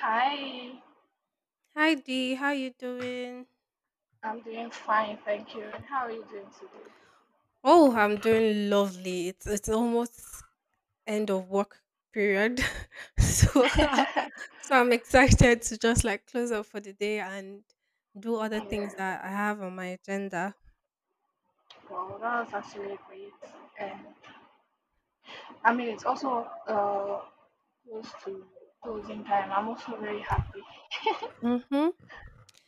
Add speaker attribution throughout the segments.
Speaker 1: Hi,
Speaker 2: Hi Dee, how you doing?
Speaker 1: I'm doing fine, thank you. And how are you doing today?
Speaker 2: Oh, I'm doing lovely. It's almost end of work period. so so I'm excited to just like close up for the day and do other
Speaker 1: Yeah,
Speaker 2: things that I have on my agenda.
Speaker 1: well, that was actually great. And I mean, it's also close to closing time. I'm also very happy.
Speaker 2: Mm-hmm.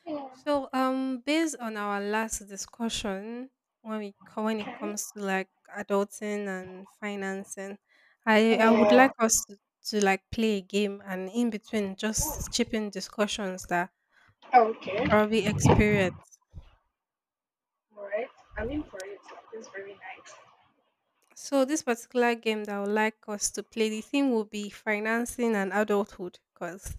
Speaker 1: Yeah.
Speaker 2: So based on our last discussion when we co- when it
Speaker 1: Okay.
Speaker 2: comes to like adulting and financing, I would
Speaker 1: Yeah.
Speaker 2: like us to like play a game and in between
Speaker 1: Ooh,
Speaker 2: just chip in discussions that
Speaker 1: okay.
Speaker 2: or experience.
Speaker 1: All right. I'm in for it. It's very nice.
Speaker 2: So this particular game that I would like us to play, the theme will be financing and adulthood, because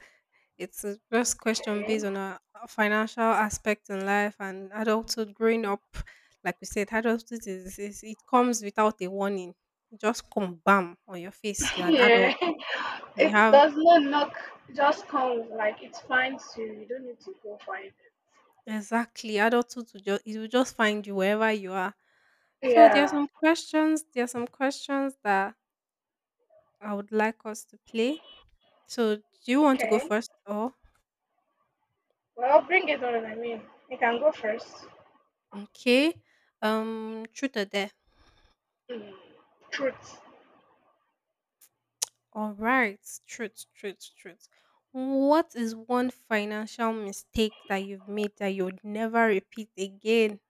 Speaker 2: it's a just question
Speaker 1: Okay.
Speaker 2: based on our financial aspect in life and adulthood growing up. Like we said, adulthood is it comes without a warning. You just come bam on your face. You're an adult.
Speaker 1: Yeah.
Speaker 2: And you
Speaker 1: It
Speaker 2: have
Speaker 1: does not look, it just comes, like, it's fine to, you don't need to go find
Speaker 2: exactly adulthood to just it will just find you wherever you are.
Speaker 1: it.
Speaker 2: So there are
Speaker 1: Yeah.
Speaker 2: some questions. There are some questions that I would like us to play. So, do you want to go
Speaker 1: Okay.
Speaker 2: first or
Speaker 1: Well, bring it on. I mean, you can go first.
Speaker 2: okay? Truth or dare?
Speaker 1: Mm. Truth.
Speaker 2: All right, truth. What is one financial mistake that you've made that you'll never repeat again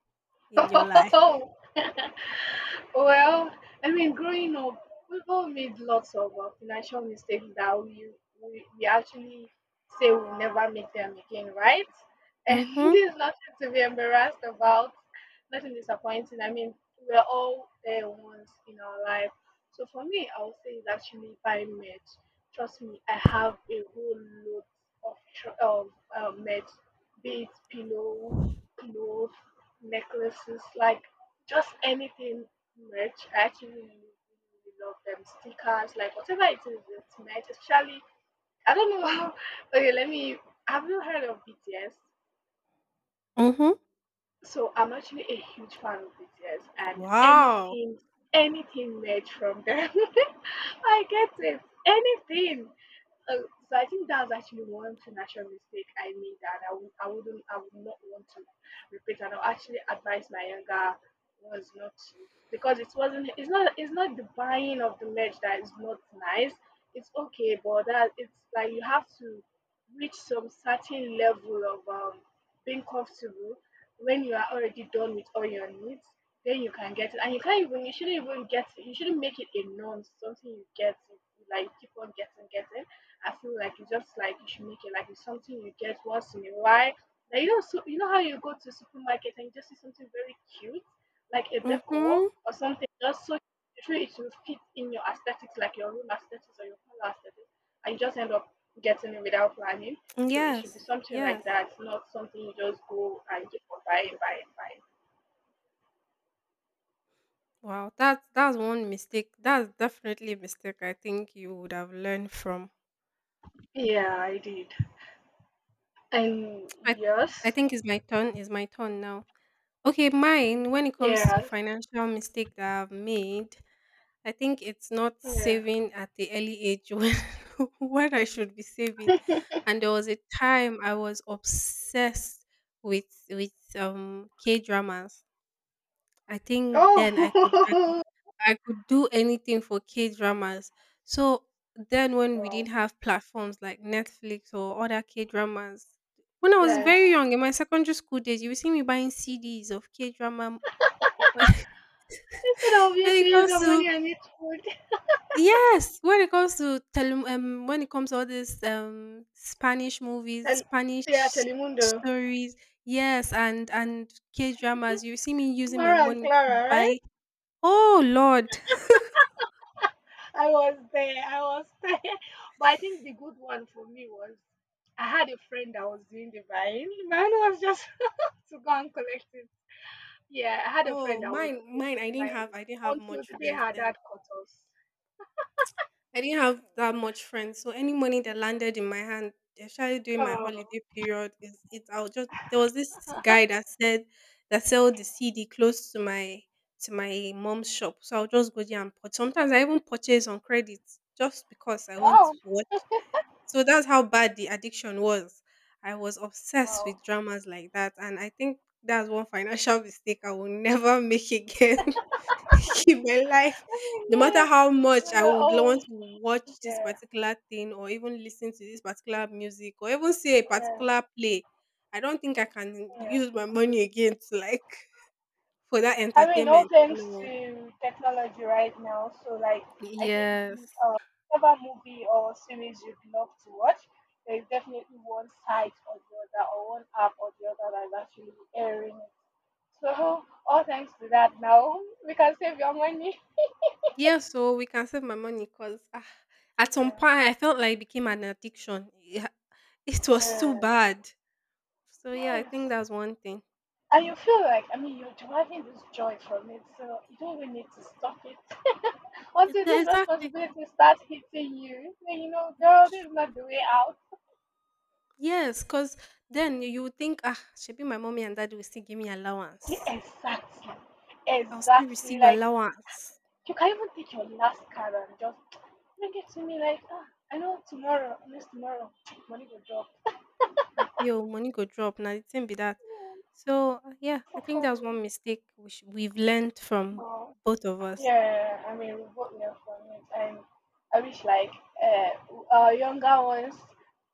Speaker 2: in your life?
Speaker 1: Oh, well, I mean, growing up, we've all made lots of financial mistakes that we actually say we'll never make them again, right? And
Speaker 2: Mm-hmm.
Speaker 1: there's nothing to be embarrassed about, nothing disappointing. I mean, we're all there once in our life. So for me, I would say it's actually buying merch. Trust me, I have a whole lot of merch, be it pillow, clothes, necklaces, like just anything merch. I actually really, really really love them. Stickers, like whatever it is, it's merch. Especially, I don't know how. Okay, let me. Have you heard of BTS?
Speaker 2: Mm-hmm.
Speaker 1: So I'm actually a huge fan of BTS and
Speaker 2: Wow.
Speaker 1: anything merch from them. I get it. Anything. Uh, so I think that's actually one financial mistake I made, and I would not want to repeat. And I'll actually advise my younger ones not to because it's not the buying of the merch that is not nice. It's okay, but that it's like you have to reach some certain level of being comfortable when you are already done with all your needs. Then you can get it, and you shouldn't even get it. You shouldn't make it a norm. Something you get, you like keep on getting. I feel like it's just like you should make it like it's something you get once in a while. Like, so you know how you go to supermarket and you just see something very cute, like a decor
Speaker 2: Mm-hmm.
Speaker 1: or something, just so you feel it will fit in your aesthetics, like your room aesthetics or your color aesthetics, and you just end up getting it without planning. So it should be
Speaker 2: Yes.
Speaker 1: something
Speaker 2: Yes.
Speaker 1: like that, not something you just go and keep on buying, buying, buying.
Speaker 2: Wow. That's one mistake. That's definitely a mistake I think you would have learned from.
Speaker 1: Yeah, I did. And
Speaker 2: I I
Speaker 1: yes.
Speaker 2: think it's my turn. It's my turn now. Okay, mine. When it comes to
Speaker 1: Yeah,
Speaker 2: financial mistake that I've made, I think it's not
Speaker 1: yeah.
Speaker 2: saving at the early age when when I should be saving. And there was a time I was obsessed with with K dramas. I think then
Speaker 1: Oh.
Speaker 2: I could do anything for K dramas. So then, when we
Speaker 1: Wow.
Speaker 2: didn't have platforms like Netflix or other K dramas, when I was
Speaker 1: yes,
Speaker 2: very young in my secondary school days, you would see me buying CDs of K drama. when
Speaker 1: It's an obvious
Speaker 2: it
Speaker 1: use
Speaker 2: comes
Speaker 1: of
Speaker 2: to
Speaker 1: money and it's food.
Speaker 2: yes, when it comes to when it comes to all these Spanish movies,
Speaker 1: And
Speaker 2: Spanish
Speaker 1: yeah,
Speaker 2: s-
Speaker 1: Telemundo.
Speaker 2: stories, yes, and K dramas, you see me using my
Speaker 1: Mara and
Speaker 2: money to
Speaker 1: Clara, right?
Speaker 2: buy. Oh Lord.
Speaker 1: I was there. I was there. But I think the good one for me was I had a friend that was doing the buying. Mine was just to go and collect it. Yeah, I had a friend
Speaker 2: Oh,
Speaker 1: that was
Speaker 2: mine.
Speaker 1: buying
Speaker 2: I didn't have
Speaker 1: until
Speaker 2: much
Speaker 1: the day
Speaker 2: friends
Speaker 1: her
Speaker 2: then.
Speaker 1: dad caught us.
Speaker 2: I didn't have that much friends. So any money that landed in my hand, especially during my
Speaker 1: Oh,
Speaker 2: holiday period, is it? I'll just. There was this guy that said that sell the CD close to my mom's shop. So I'll just go there and purchase. Sometimes I even purchase on credit just because I want to
Speaker 1: wow.
Speaker 2: watch. So that's how bad the addiction was. I was obsessed
Speaker 1: Wow.
Speaker 2: with dramas like that, and I think that's one financial mistake I will never make again. in my life.
Speaker 1: I mean,
Speaker 2: No matter
Speaker 1: yeah,
Speaker 2: how much
Speaker 1: we
Speaker 2: I
Speaker 1: were
Speaker 2: would lo- want
Speaker 1: all,
Speaker 2: to watch this
Speaker 1: yeah,
Speaker 2: particular thing or even listen to this particular music or even see a
Speaker 1: yeah,
Speaker 2: particular play, I don't think I can
Speaker 1: yeah.
Speaker 2: use my money again to like for that
Speaker 1: I mean, all
Speaker 2: entertainment.
Speaker 1: thanks
Speaker 2: No.
Speaker 1: to technology right now. So, like, I think
Speaker 2: Yes.
Speaker 1: whatever movie or series you'd love to watch, there's definitely one site or the other, or one app or the other that's actually airing it. So, all thanks to that now, we can save your money.
Speaker 2: Yeah, so we can save my money because ah, at some
Speaker 1: Yeah.
Speaker 2: point I felt like it became an addiction. Yeah, it was
Speaker 1: Yeah.
Speaker 2: too bad. So yeah, I
Speaker 1: Yes.
Speaker 2: think that's one thing.
Speaker 1: And you feel like, I mean, you're deriving this joy from it, so you don't even need to stop it.
Speaker 2: It-
Speaker 1: Until this
Speaker 2: Exactly.
Speaker 1: responsibility starts hitting you, then you know, girl, this is not the way out.
Speaker 2: Yes, because then you would think, ah, should be my mommy and daddy will still give me
Speaker 1: Yeah,
Speaker 2: allowance.
Speaker 1: exactly.
Speaker 2: I'll still
Speaker 1: Exactly.
Speaker 2: receive
Speaker 1: Like,
Speaker 2: allowance.
Speaker 1: you can even take your last card and just bring it to me, like, ah, I know tomorrow, next tomorrow, money will drop.
Speaker 2: I feel money go drop. Now the thing be that.
Speaker 1: Yeah,
Speaker 2: So yeah, I
Speaker 1: so
Speaker 2: think
Speaker 1: for
Speaker 2: that
Speaker 1: me,
Speaker 2: was one mistake we sh- we've learned from
Speaker 1: no.
Speaker 2: both of us.
Speaker 1: Yeah, I mean, we both learn from it. And I wish, like, uh, our younger ones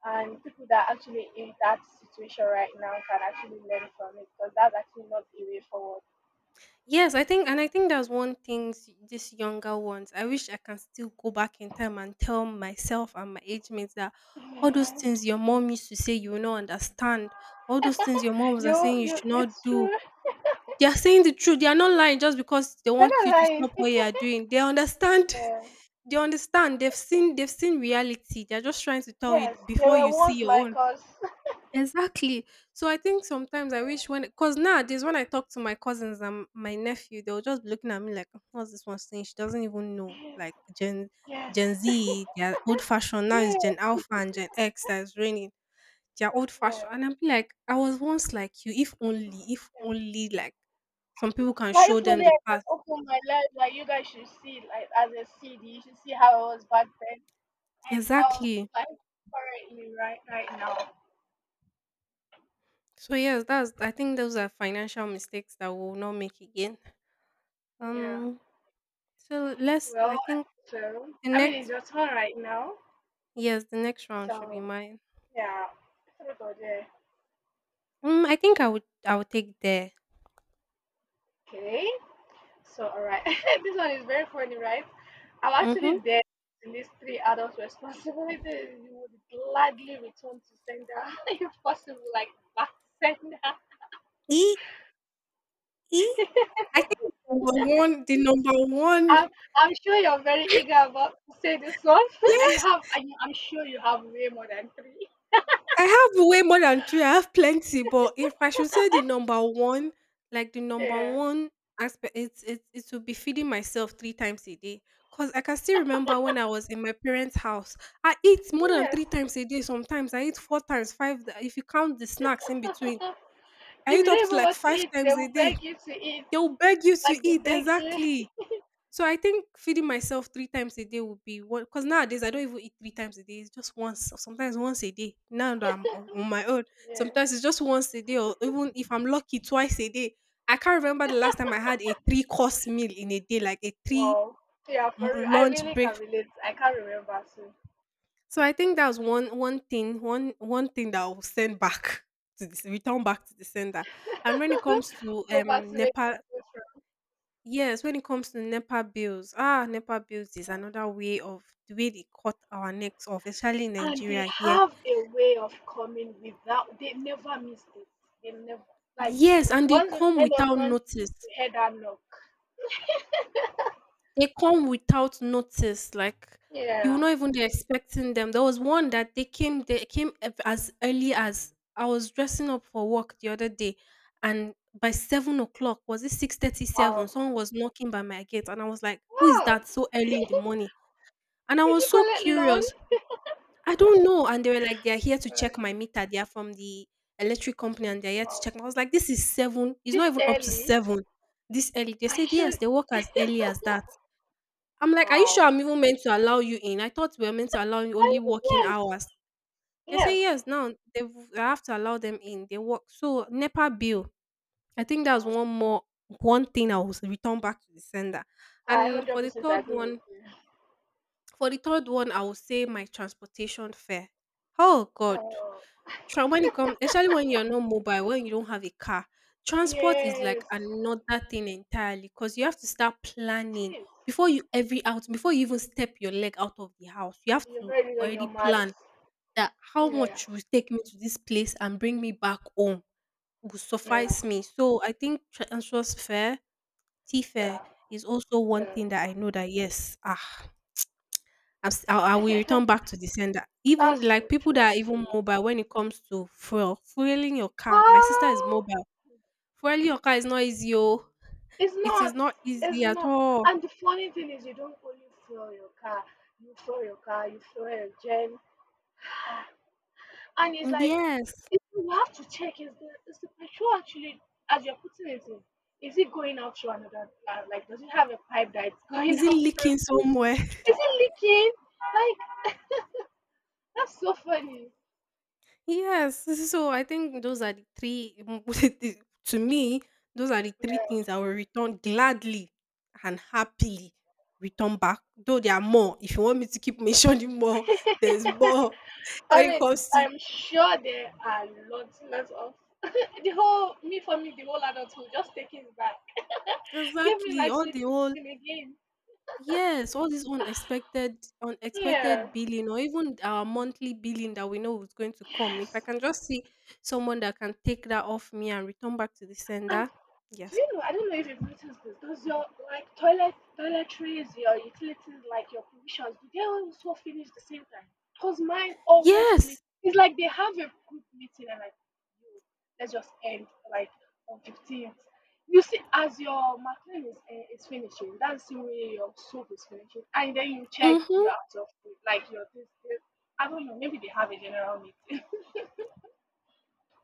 Speaker 1: and people that are actually in that situation right now can actually learn from it because that's actually not the way forward.
Speaker 2: Yes, I think, and I think that's one thing s- these younger ones. I wish I can still go back in time and tell myself and my age mates that all those
Speaker 1: Yeah.
Speaker 2: things your mom used to say you will not understand, all those things your mom was
Speaker 1: You,
Speaker 2: saying you
Speaker 1: you,
Speaker 2: should not
Speaker 1: it's
Speaker 2: do,
Speaker 1: true.
Speaker 2: they are saying the truth. They are not lying just because they
Speaker 1: That
Speaker 2: want
Speaker 1: is
Speaker 2: you to
Speaker 1: right.
Speaker 2: stop what you are doing. They understand.
Speaker 1: Yeah.
Speaker 2: They understand. They've seen. They've seen reality. They're just trying to tell you
Speaker 1: Yes, they
Speaker 2: before
Speaker 1: were
Speaker 2: you see
Speaker 1: once
Speaker 2: your own.
Speaker 1: like us.
Speaker 2: Exactly. So I think sometimes I wish when, cause nowadays when I talk to my cousins and my nephew, they'll just be looking at me like, "Oh, what's this one saying? She doesn't even know."
Speaker 1: Yeah.
Speaker 2: Like
Speaker 1: Yes,
Speaker 2: Gen
Speaker 1: yes,
Speaker 2: Z, they are old fashioned. Now it's
Speaker 1: yeah,
Speaker 2: Gen Alpha and Gen X that's reigning. They're old
Speaker 1: yeah.
Speaker 2: fashioned. And I'll be like, I was once like you, if only like some people can
Speaker 1: Like,
Speaker 2: show
Speaker 1: if
Speaker 2: them
Speaker 1: only I
Speaker 2: the
Speaker 1: can
Speaker 2: past.
Speaker 1: open my life, like you guys should see, it like as a CD, you should see how I was back then and how,
Speaker 2: Exactly.
Speaker 1: like, currently right now.
Speaker 2: So yes, that's I think those are financial mistakes that we'll not make again.
Speaker 1: Yeah.
Speaker 2: Um so let's I
Speaker 1: Well,
Speaker 2: think
Speaker 1: so
Speaker 2: the
Speaker 1: I mean it's
Speaker 2: next
Speaker 1: your turn right now.
Speaker 2: yes, the next round should be
Speaker 1: So
Speaker 2: mine.
Speaker 1: yeah, sorry about that.
Speaker 2: Mm, I think I would take there.
Speaker 1: Okay. So all right, this one is very funny, right? I'm actually
Speaker 2: Mm-hmm.
Speaker 1: there in these three adult responsibilities. You would gladly return to sender if possible, like back sender.
Speaker 2: E E I think number one the number one.
Speaker 1: I'm, I'm sure you're very eager about to say this one, and you have. And I'm sure you have way more than three.
Speaker 2: I have way more than three. I have plenty, but if I should say the number one, like the number
Speaker 1: Yeah.
Speaker 2: one aspect, it would be feeding myself three times a day. Cause I can still remember when I was in my parents' house, I eat more than
Speaker 1: Yes.
Speaker 2: three times a day. Sometimes I eat four times, five. Th- If you count the snacks in between, I
Speaker 1: If
Speaker 2: eat
Speaker 1: you
Speaker 2: up
Speaker 1: don't
Speaker 2: to
Speaker 1: even
Speaker 2: like
Speaker 1: want to
Speaker 2: five
Speaker 1: eat, they
Speaker 2: times a
Speaker 1: will
Speaker 2: day.
Speaker 1: beg you to eat.
Speaker 2: They will beg you to
Speaker 1: Like they
Speaker 2: eat
Speaker 1: beg you.
Speaker 2: exactly. So I think feeding myself three times a day would be one because nowadays I don't even eat three times a day. It's just once, or sometimes once a day. Now that I'm on my own,
Speaker 1: Yeah.
Speaker 2: sometimes it's just once a day, or even if I'm lucky, twice a day. I can't remember the last time I had a three course meal in a day, like a three
Speaker 1: Wow. Yeah,
Speaker 2: m-
Speaker 1: for real. I
Speaker 2: lunch
Speaker 1: really
Speaker 2: break.
Speaker 1: can relate. I can't remember, so
Speaker 2: So I think that was one thing that I will send back to this, return back to the sender. And when it comes to
Speaker 1: go back to where you
Speaker 2: Nepal.
Speaker 1: go from.
Speaker 2: Yes, when it comes to NEPA bills, ah, NEPA bills is another way of the way they cut our necks off, especially in
Speaker 1: And they
Speaker 2: Nigeria here.
Speaker 1: have a way of coming without, they never missed it. They never, like,
Speaker 2: Yes, and they
Speaker 1: once it's
Speaker 2: come
Speaker 1: end of
Speaker 2: without
Speaker 1: month,
Speaker 2: notice.
Speaker 1: we had that knock.
Speaker 2: They come without notice. Like you will
Speaker 1: Yeah.
Speaker 2: not even be expecting them. There was one that they came. They came ev- as early as I was dressing up for work the other day, and by 7 o'clock was it 6:37?
Speaker 1: Wow.
Speaker 2: Someone was knocking by my gate, and I was like, "Who is
Speaker 1: Wow.
Speaker 2: that so early in the morning?" And I
Speaker 1: Did
Speaker 2: was
Speaker 1: you
Speaker 2: so
Speaker 1: collect loan?
Speaker 2: curious. I don't know. And they were like, they're here to check
Speaker 1: Like,
Speaker 2: my meter. They are from the electric company and they're here to
Speaker 1: wow.
Speaker 2: check. I was like, this is seven. It's
Speaker 1: This
Speaker 2: not even up to
Speaker 1: early?
Speaker 2: seven this early. They
Speaker 1: Are
Speaker 2: said,
Speaker 1: you sure?
Speaker 2: yes, they work as early as that. I'm like, are you sure
Speaker 1: Wow.
Speaker 2: I'm even meant to allow you in? I thought we were meant to allow you
Speaker 1: I,
Speaker 2: only working
Speaker 1: yes.
Speaker 2: hours. They
Speaker 1: Yes.
Speaker 2: say, yes, now they I have to allow them in. They work. So, NEPA bill. I think that was
Speaker 1: Wow.
Speaker 2: one more, one thing I was returned back to the sender.
Speaker 1: I
Speaker 2: And
Speaker 1: hundred
Speaker 2: for the
Speaker 1: percent
Speaker 2: third
Speaker 1: agree with
Speaker 2: one,
Speaker 1: you.
Speaker 2: for the third one, I will say my transportation fare. Oh God.
Speaker 1: Oh.
Speaker 2: Tra- when it comes, especially when you're not mobile, when you don't have a car, transport is like
Speaker 1: Yes.
Speaker 2: another thing entirely because you have to start
Speaker 1: It
Speaker 2: planning
Speaker 1: is.
Speaker 2: before you every out before you even step your leg out of the house. You have
Speaker 1: You're
Speaker 2: to
Speaker 1: very good on
Speaker 2: already
Speaker 1: your
Speaker 2: plan
Speaker 1: maths.
Speaker 2: that how
Speaker 1: Yeah.
Speaker 2: much will take me to this place and bring me back home will
Speaker 1: Yeah.
Speaker 2: suffice me. So I think transfer fare, T fare
Speaker 1: Yeah.
Speaker 2: is also one
Speaker 1: Yeah.
Speaker 2: thing that I know that yes, ah I've s- I will return back to the sender. Even
Speaker 1: That's so
Speaker 2: like people
Speaker 1: true,
Speaker 2: that are even
Speaker 1: actually.
Speaker 2: mobile when it comes to fuel, fueling your car. My sister is
Speaker 1: Oh,
Speaker 2: mobile. Fueling your car is not easy, oh.
Speaker 1: it's
Speaker 2: It is
Speaker 1: not.
Speaker 2: not
Speaker 1: It's
Speaker 2: easy at
Speaker 1: not.
Speaker 2: all.
Speaker 1: And the funny thing is, you don't only fuel your car. You fuel your car. You fuel your gen. And it's like,
Speaker 2: Yes.
Speaker 1: you have to check, is the petrol actually as you're putting it in, is it going out through another plant? Like, does it have a pipe that it's going
Speaker 2: Is it
Speaker 1: out
Speaker 2: leaking
Speaker 1: from?
Speaker 2: somewhere?
Speaker 1: Is it leaking? Like, that's so funny.
Speaker 2: yes. So I think those are the three, the- to me, those are the three things I will return gladly and happily return back. Though there are more. If you want me to keep mentioning more,
Speaker 1: Yeah.
Speaker 2: there's more when
Speaker 1: I
Speaker 2: it
Speaker 1: mean,
Speaker 2: comes to
Speaker 1: I'm sure there are lots, lots of the whole me for me, the whole adulthood. Just take it back. Give me
Speaker 2: exactly.
Speaker 1: my
Speaker 2: All
Speaker 1: sweet
Speaker 2: the whole
Speaker 1: sixteen again.
Speaker 2: yes, all this unexpected
Speaker 1: Yeah.
Speaker 2: billing or even our monthly billing that we know is going to come. If I
Speaker 1: Yes.
Speaker 2: can just see someone that can take that off me and return back to the
Speaker 1: And
Speaker 2: sender.
Speaker 1: Do
Speaker 2: Yes.
Speaker 1: you know? I don't know if you've noticed this. Does your, like, toilet, toiletries, your utilities, like your provisions, do they also finish the same time? Cause mine always finish.
Speaker 2: Yes.
Speaker 1: It's like they have a group meeting and like, "Yo, let's just end like on 15th" You see, as your marketing is finishing, that's the way your soap is finishing, and then you check
Speaker 2: Mm-hmm.
Speaker 1: your out of food, like your this. I don't know. Maybe they have a general meeting.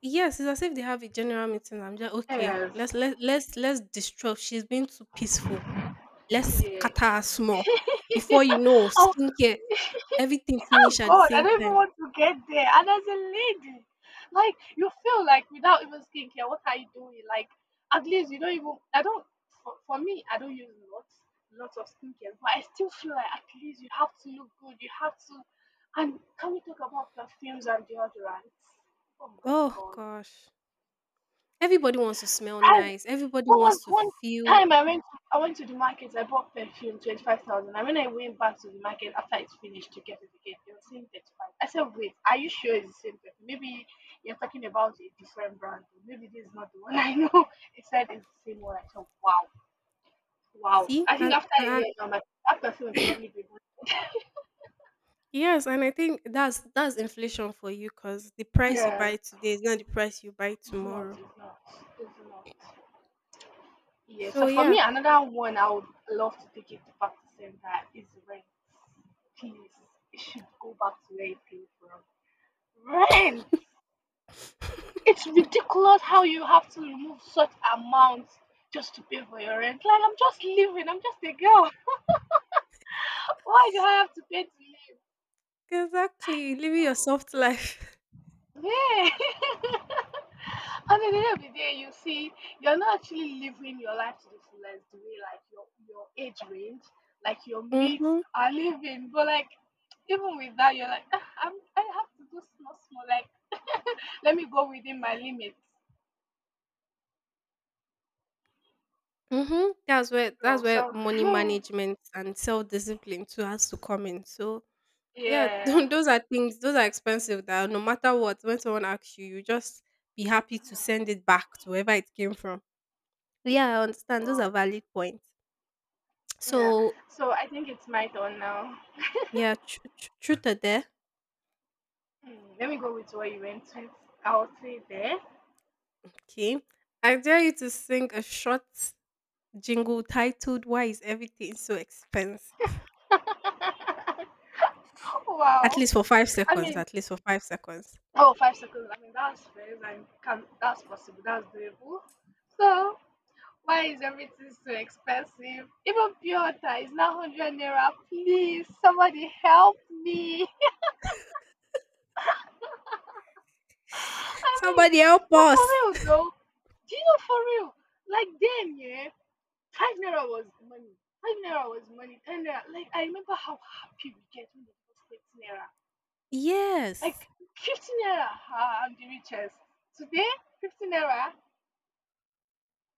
Speaker 2: Yes, it's as if they have a general meeting. I'm just okay.
Speaker 1: Yes.
Speaker 2: Let's disrupt. She's been too peaceful. Let's
Speaker 1: Yeah.
Speaker 2: scatter her small. Before you know, skincare, everything
Speaker 1: Oh
Speaker 2: finish at the
Speaker 1: God, I
Speaker 2: same
Speaker 1: don't even
Speaker 2: time.
Speaker 1: want to get there. And as a lady, like, you feel like without even skincare, what are you doing? Like, at least you don't even. I don't. For me, I don't use lots of skincare, but I still feel like at least you have to look good. You have to. And can we talk about perfumes and deodorants? Oh my
Speaker 2: Oh
Speaker 1: God.
Speaker 2: gosh. Everybody wants to smell nice. Everybody
Speaker 1: What was
Speaker 2: wants to
Speaker 1: one
Speaker 2: feel
Speaker 1: time I went to the market, I bought perfume, 25,000. And when I went back to the market after it's finished to get it again, they were saying 35. I said, wait, are you sure it's the same perfume? Maybe you're talking about a different brand. Maybe this is not the one I know. It said it's the same one. I said, wow, wow.
Speaker 2: see,
Speaker 1: I think after a
Speaker 2: and
Speaker 1: year now my that perfume will probably be good.
Speaker 2: yes, and I think that's inflation for you because the price you
Speaker 1: Yeah.
Speaker 2: buy today is not the price you buy
Speaker 1: It's not,
Speaker 2: tomorrow.
Speaker 1: it's not, it's not. Yeah,
Speaker 2: So
Speaker 1: so for
Speaker 2: yeah,
Speaker 1: me, another one I would love to take it to back to center is rent. Please, it should go back to where it came from. Rent! It's ridiculous how you have to remove such amounts just to pay for your rent. Like, I'm just living, I'm just a girl. Why do I have to pay to live?
Speaker 2: exactly. Living your
Speaker 1: Oh.
Speaker 2: soft life.
Speaker 1: Yeah. And at the end of the day, you see, you're not actually living your life to the fullest the way like your age range, like your mates
Speaker 2: Mm-hmm.
Speaker 1: are living. But like, even with that, you're like, "Ah, I have to do small, small. Like let me go within my limits."
Speaker 2: Mm-hmm. That's where that's
Speaker 1: Oh,
Speaker 2: where
Speaker 1: so
Speaker 2: money management and self discipline too has to come in.
Speaker 1: yeah,
Speaker 2: Those are things. Those are expensive. That no matter what, when someone asks you, you just be happy to
Speaker 1: yeah,
Speaker 2: send it back to wherever it came from. Yeah, I understand. Those are
Speaker 1: wow,
Speaker 2: valid points.
Speaker 1: yeah.
Speaker 2: So
Speaker 1: So I think it's my turn now.
Speaker 2: yeah, truth or dare.
Speaker 1: Hmm, let me go with what you went with. I'll say there.
Speaker 2: Okay. I dare you to sing a short jingle titled Why is Everything So Expensive? At
Speaker 1: Wow.
Speaker 2: least for five
Speaker 1: I
Speaker 2: seconds.
Speaker 1: mean,
Speaker 2: At least for 5 seconds.
Speaker 1: oh, 5 seconds. I mean, that's fair. And that's possible. That's doable. So, why is everything so expensive? Even pure water is now 100 naira. Please, somebody help me. I mean,
Speaker 2: Somebody help
Speaker 1: but for
Speaker 2: us.
Speaker 1: real though, do you know, for real? Like, then, yeah, 5 naira was money. 5 naira was money. 10 naira. Like I remember how happy we get when they give us 15 naira. Like,
Speaker 2: Yes.
Speaker 1: 15 naira, ah, I'm the richest. Today, 15 naira.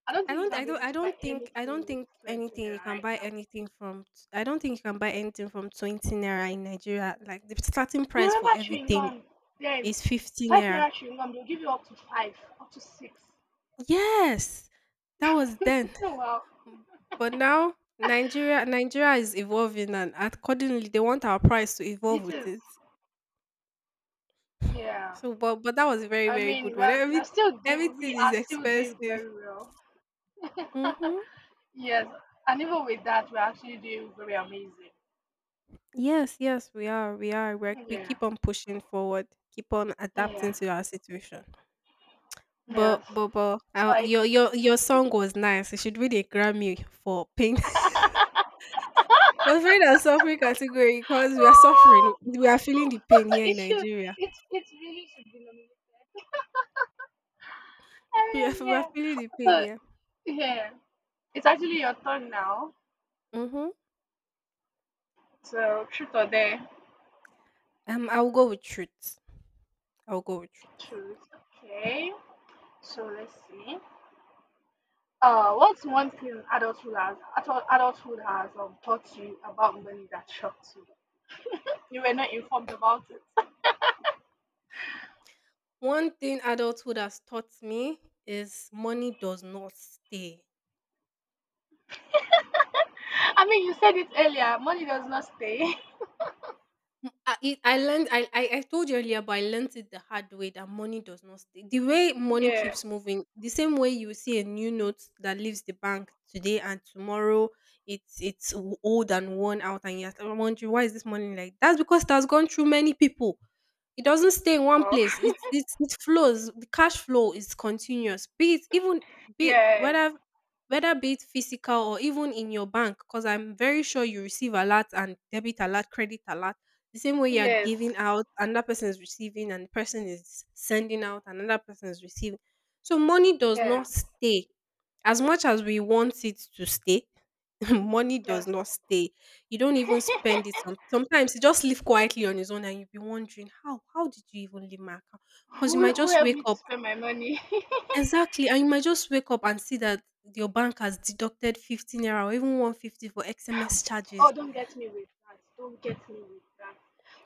Speaker 1: I don't
Speaker 2: I
Speaker 1: think you
Speaker 2: don't
Speaker 1: can
Speaker 2: I
Speaker 1: be
Speaker 2: don't
Speaker 1: able to buy
Speaker 2: I don't
Speaker 1: anything with
Speaker 2: think
Speaker 1: 20
Speaker 2: anything
Speaker 1: naira
Speaker 2: you can
Speaker 1: right
Speaker 2: buy
Speaker 1: now.
Speaker 2: anything from t- I don't think you can buy anything from 20 naira in Nigeria. Like the starting
Speaker 1: You
Speaker 2: price for
Speaker 1: remember chewing
Speaker 2: everything
Speaker 1: gum? Then,
Speaker 2: is 15
Speaker 1: 5
Speaker 2: naira.
Speaker 1: naira chewing gum, they'll give you up to 5, up to 6.
Speaker 2: Yes. That was then.
Speaker 1: Oh, wow.
Speaker 2: Mm. But now Nigeria is evolving and accordingly they want our price to evolve
Speaker 1: It
Speaker 2: with
Speaker 1: is.
Speaker 2: it.
Speaker 1: Yeah.
Speaker 2: So but that was a very,
Speaker 1: I
Speaker 2: very good
Speaker 1: mean,
Speaker 2: one.
Speaker 1: we're, we're still doing, we
Speaker 2: Everything is
Speaker 1: are still doing
Speaker 2: expensive.
Speaker 1: very well.
Speaker 2: Mm-hmm.
Speaker 1: Yes. And even with that, we're actually doing very amazing.
Speaker 2: Yes, yes, we are. We are. We
Speaker 1: Yeah.
Speaker 2: keep on pushing forward, keep on adapting
Speaker 1: Yeah.
Speaker 2: to our situation. But,
Speaker 1: Yes.
Speaker 2: but, but, uh,
Speaker 1: So
Speaker 2: your song was nice. It should win a Grammy for pain.
Speaker 1: I,
Speaker 2: We're afraid of suffering category because we are suffering.
Speaker 1: oh,
Speaker 2: We are feeling the pain here in
Speaker 1: it should,
Speaker 2: Nigeria.
Speaker 1: it really should be nominated. I mean,
Speaker 2: We are
Speaker 1: yeah.
Speaker 2: feeling the pain,
Speaker 1: So,
Speaker 2: yeah.
Speaker 1: yeah. It's actually your turn now.
Speaker 2: Mm-hmm.
Speaker 1: So, truth or dare?
Speaker 2: I'll go with truth. I'll go with truth.
Speaker 1: Truth. Okay. So let's see. What's one thing adulthood has taught you about money that shocked you? You were not informed about it.
Speaker 2: One thing adulthood has taught me is money does not stay.
Speaker 1: I mean, you said it earlier. Money does not stay.
Speaker 2: Mm, I learned I told you earlier, but I learned it the hard way that money does not stay. The way money
Speaker 1: Yeah.
Speaker 2: keeps moving, the same way you see a new note that leaves the bank today and tomorrow it's old and worn out, and you're still wondering why is this money like that's because it has gone through many people. It doesn't stay in one
Speaker 1: Well.
Speaker 2: place. It flows. The cash flow is continuous. Be it even be it
Speaker 1: Yeah.
Speaker 2: whether whether be it physical or even in your bank, because I'm very sure you receive a lot and debit alert, credit alert the same way you're
Speaker 1: Yes.
Speaker 2: giving out, another person is receiving, and the person is sending out, another person is receiving. So money does
Speaker 1: Yeah.
Speaker 2: not stay. As much as we want it to stay, money does
Speaker 1: Yes.
Speaker 2: not stay. You don't even spend it. Sometimes it just live quietly on its own, and you'll be wondering how did you even leave my account? Because you
Speaker 1: who,
Speaker 2: might
Speaker 1: who
Speaker 2: just
Speaker 1: helped
Speaker 2: wake
Speaker 1: me to
Speaker 2: up
Speaker 1: spend my money?
Speaker 2: exactly, and you might just wake up and see that your bank has deducted 15 naira or even 150 for XMS
Speaker 1: Oh,
Speaker 2: charges.
Speaker 1: don't get me with that. Don't get me with that.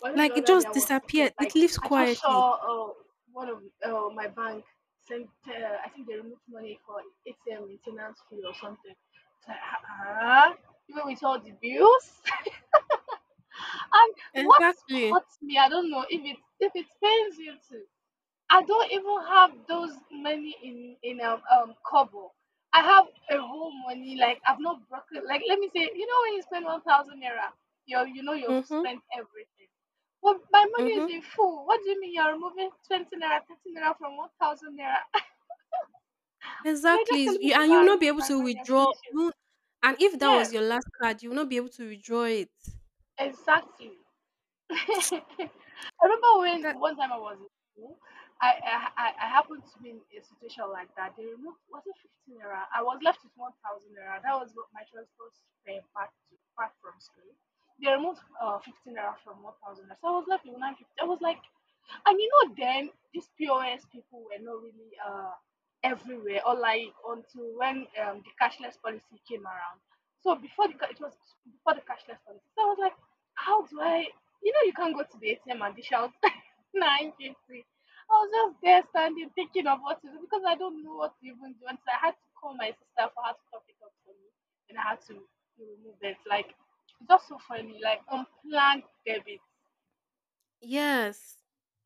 Speaker 1: But the
Speaker 2: Like it
Speaker 1: other day
Speaker 2: just
Speaker 1: I was seated,
Speaker 2: disappeared.
Speaker 1: like
Speaker 2: It lives
Speaker 1: I just
Speaker 2: quietly.
Speaker 1: saw one of my bank sent. I think they removed money for ATM maintenance fee or something. It's like, ah, even with all the bills. And what
Speaker 2: Exactly.
Speaker 1: hurts me, I don't know if it pains you too. I don't even have those money in Kobo. I have a whole money like I've not broken. Like let me say, you know when you spend 1,000 naira, you know you've
Speaker 2: Mhm,
Speaker 1: spent everything. Well, my money is
Speaker 2: mhm.
Speaker 1: in full. What do you mean you're removing 20 naira, 30 naira from 1,000 naira? You're just
Speaker 2: Exactly.
Speaker 1: telling me
Speaker 2: You
Speaker 1: to
Speaker 2: and
Speaker 1: go
Speaker 2: you will
Speaker 1: and
Speaker 2: not be
Speaker 1: remove
Speaker 2: able
Speaker 1: my
Speaker 2: to
Speaker 1: money and
Speaker 2: withdraw.
Speaker 1: finish it.
Speaker 2: You won't and if that
Speaker 1: Yeah,
Speaker 2: was your last card, you will not be able to withdraw it.
Speaker 1: exactly. I remember
Speaker 2: That
Speaker 1: when one time I was in school, I happened to be in a situation like that. They removed was it 15 naira? I was left with 1,000 naira. That was what my transport fare back from school. They removed 15 naira from 1,000 naira, so I was left with 950. I was like, and you know, then these POS people were not really everywhere, or like until when the cashless policy came around. So it was before the cashless policy. So I was like, how do I? You know, you can't go to the ATM and dish out 950. I was just there standing thinking of what to do because I don't know what to even do. And so I had to call my sister for her to top it up for me, and I had to remove it. Like, it's just so funny, like unplanned debit.
Speaker 2: yes.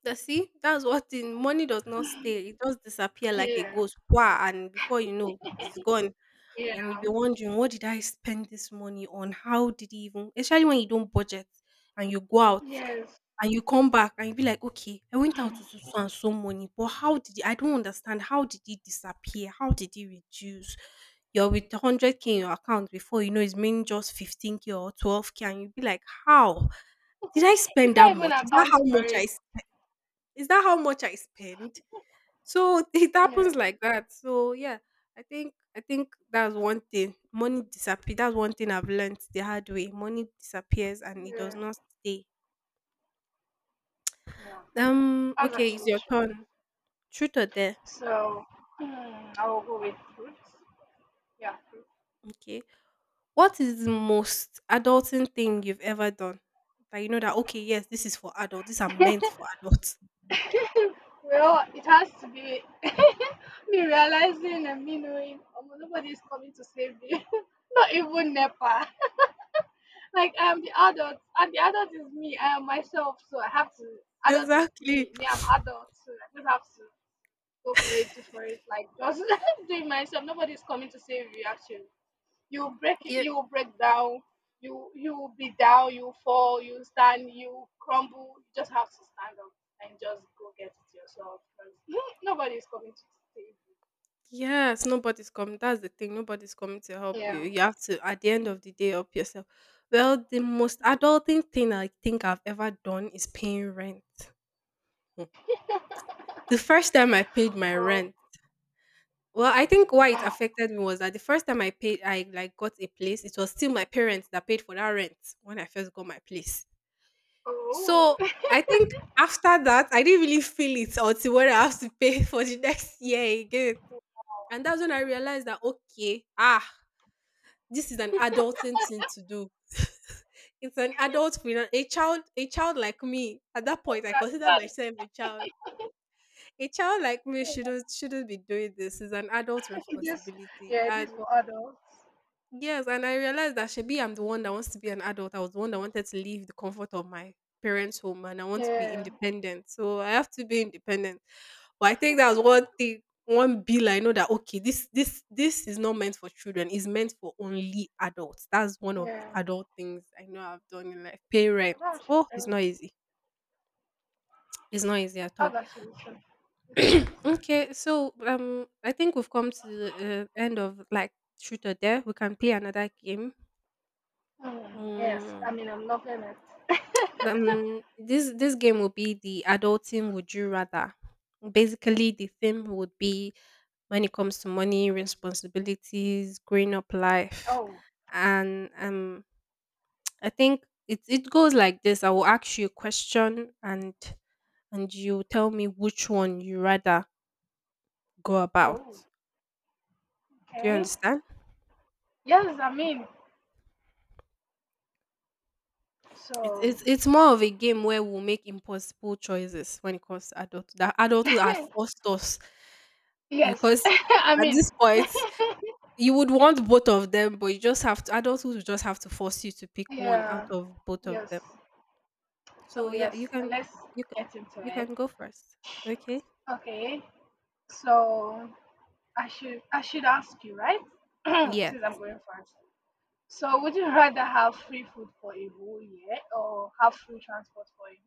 Speaker 2: That see, that's what the money does not stay. It does disappear like a
Speaker 1: Yeah,
Speaker 2: ghost. Wah, and before you know, it's gone.
Speaker 1: yeah.
Speaker 2: And you'll be wondering what did I spend this money on? How did he even, especially when you don't budget and you go out
Speaker 1: Yes,
Speaker 2: and you come back and you be like, okay, I went out to so so and so money, but how did it, I don't understand how did it disappear? How did it reduce? You're with 100k in your account before you know it's mean just 15k or 12k, and you be like, how did I
Speaker 1: you
Speaker 2: spend that
Speaker 1: can't even
Speaker 2: much?
Speaker 1: account for it.
Speaker 2: Is that how much I spend? So it
Speaker 1: Yeah,
Speaker 2: happens like that. So yeah, I think that's one thing. Money disappears. That's one thing I've learned the hard way. Money disappears and it does
Speaker 1: yeah,
Speaker 2: not stay.
Speaker 1: yeah. That's
Speaker 2: Okay, it's
Speaker 1: actually
Speaker 2: your
Speaker 1: true.
Speaker 2: turn. Truth or dare?
Speaker 1: So, I will go with fruits. Yeah,
Speaker 2: Okay. What is the most adulting thing you've ever done? That you know that okay, yes, this is for adults. These are meant for adults.
Speaker 1: fruits. Well, it has to be me realizing and me knowing nobody is coming to save me. Not even NEPA. Like, I am the adult, and the adult is me. I am myself, so I have to. Adult is
Speaker 2: Exactly.
Speaker 1: me. Me, I'm adult, so I just have to go for it, do for it. Like, just doing myself. Nobody's coming to save you, actually. You
Speaker 2: Yeah.
Speaker 1: you break down. You will be down, you fall, you stand, you crumble. You just have to stand up and just go get it yourself because nobody is coming to save
Speaker 2: Yes, nobody's coming. That's the thing. Nobody's coming to help
Speaker 1: you.
Speaker 2: you.
Speaker 1: Yeah.
Speaker 2: You have to, at the end of the day, help yourself. Well, the most adulting thing I think I've ever done is paying rent. Hmm. The first time I paid my
Speaker 1: Oh,
Speaker 2: rent, well, I think why it
Speaker 1: wow.
Speaker 2: affected me was that the first time I paid, I like got a place. It was still my parents that paid for that rent when I first got my place.
Speaker 1: Oh,
Speaker 2: So I think after that, I didn't really feel it until when I have to pay for the next year again. And that's when I realized that okay, ah. This is an adulting thing to do. It's an adult a child like me, at that point I considered
Speaker 1: cartoon.
Speaker 2: myself a child, a child like me shouldn't be doing this. It's an adult
Speaker 1: This.
Speaker 2: responsibility.
Speaker 1: Yeah,
Speaker 2: And
Speaker 1: this for adults.
Speaker 2: yes, and I realized that shebi I'm the one that wants to be an adult. I was the one that wanted to leave the comfort of my parents' home and I want to be
Speaker 1: Yeah,
Speaker 2: independent. So I have to be independent. But I think that was one thing, one bill I know that okay, this is not meant for children, it's meant for only adults. That's one of the
Speaker 1: yeah.
Speaker 2: adult things I know I've done in life. Pay
Speaker 1: Oh,
Speaker 2: rent.
Speaker 1: that's
Speaker 2: Oh, it's
Speaker 1: true.
Speaker 2: not easy. It's not easy at
Speaker 1: Oh,
Speaker 2: all.
Speaker 1: that's really true. It's nice.
Speaker 2: Okay, so I think we've come to the end of like shoot or dare. We can play another game.
Speaker 1: Mm, yes, I
Speaker 2: Mm,
Speaker 1: mean, I'm loving it.
Speaker 2: This this game will be the adulting would you rather. Basically, the theme would be when it comes to money, responsibilities, growing up life,
Speaker 1: Oh,
Speaker 2: and I think it it goes like this. I will ask you a question, and you tell me which one you rather go about.
Speaker 1: oh,
Speaker 2: Do you
Speaker 1: okay.
Speaker 2: understand?
Speaker 1: Yes, I mean,
Speaker 2: It's
Speaker 1: so.
Speaker 2: it's it's more of a game where we'll make impossible choices when it comes to adult. That adulthood have forced us
Speaker 1: Yes,
Speaker 2: because
Speaker 1: I
Speaker 2: at
Speaker 1: mean,
Speaker 2: this point you would want both of them, but you just have to, adulthood will just have to force you to pick one out
Speaker 1: yeah,
Speaker 2: of both of
Speaker 1: yes.
Speaker 2: them.
Speaker 1: So
Speaker 2: So yeah,
Speaker 1: yes, let's
Speaker 2: you can
Speaker 1: get into
Speaker 2: you
Speaker 1: it.
Speaker 2: can go first. Okay?
Speaker 1: Okay, so I should ask you, right?
Speaker 2: Yes.
Speaker 1: Since I'm going first. So would you rather have free food for a whole year or have free transport for a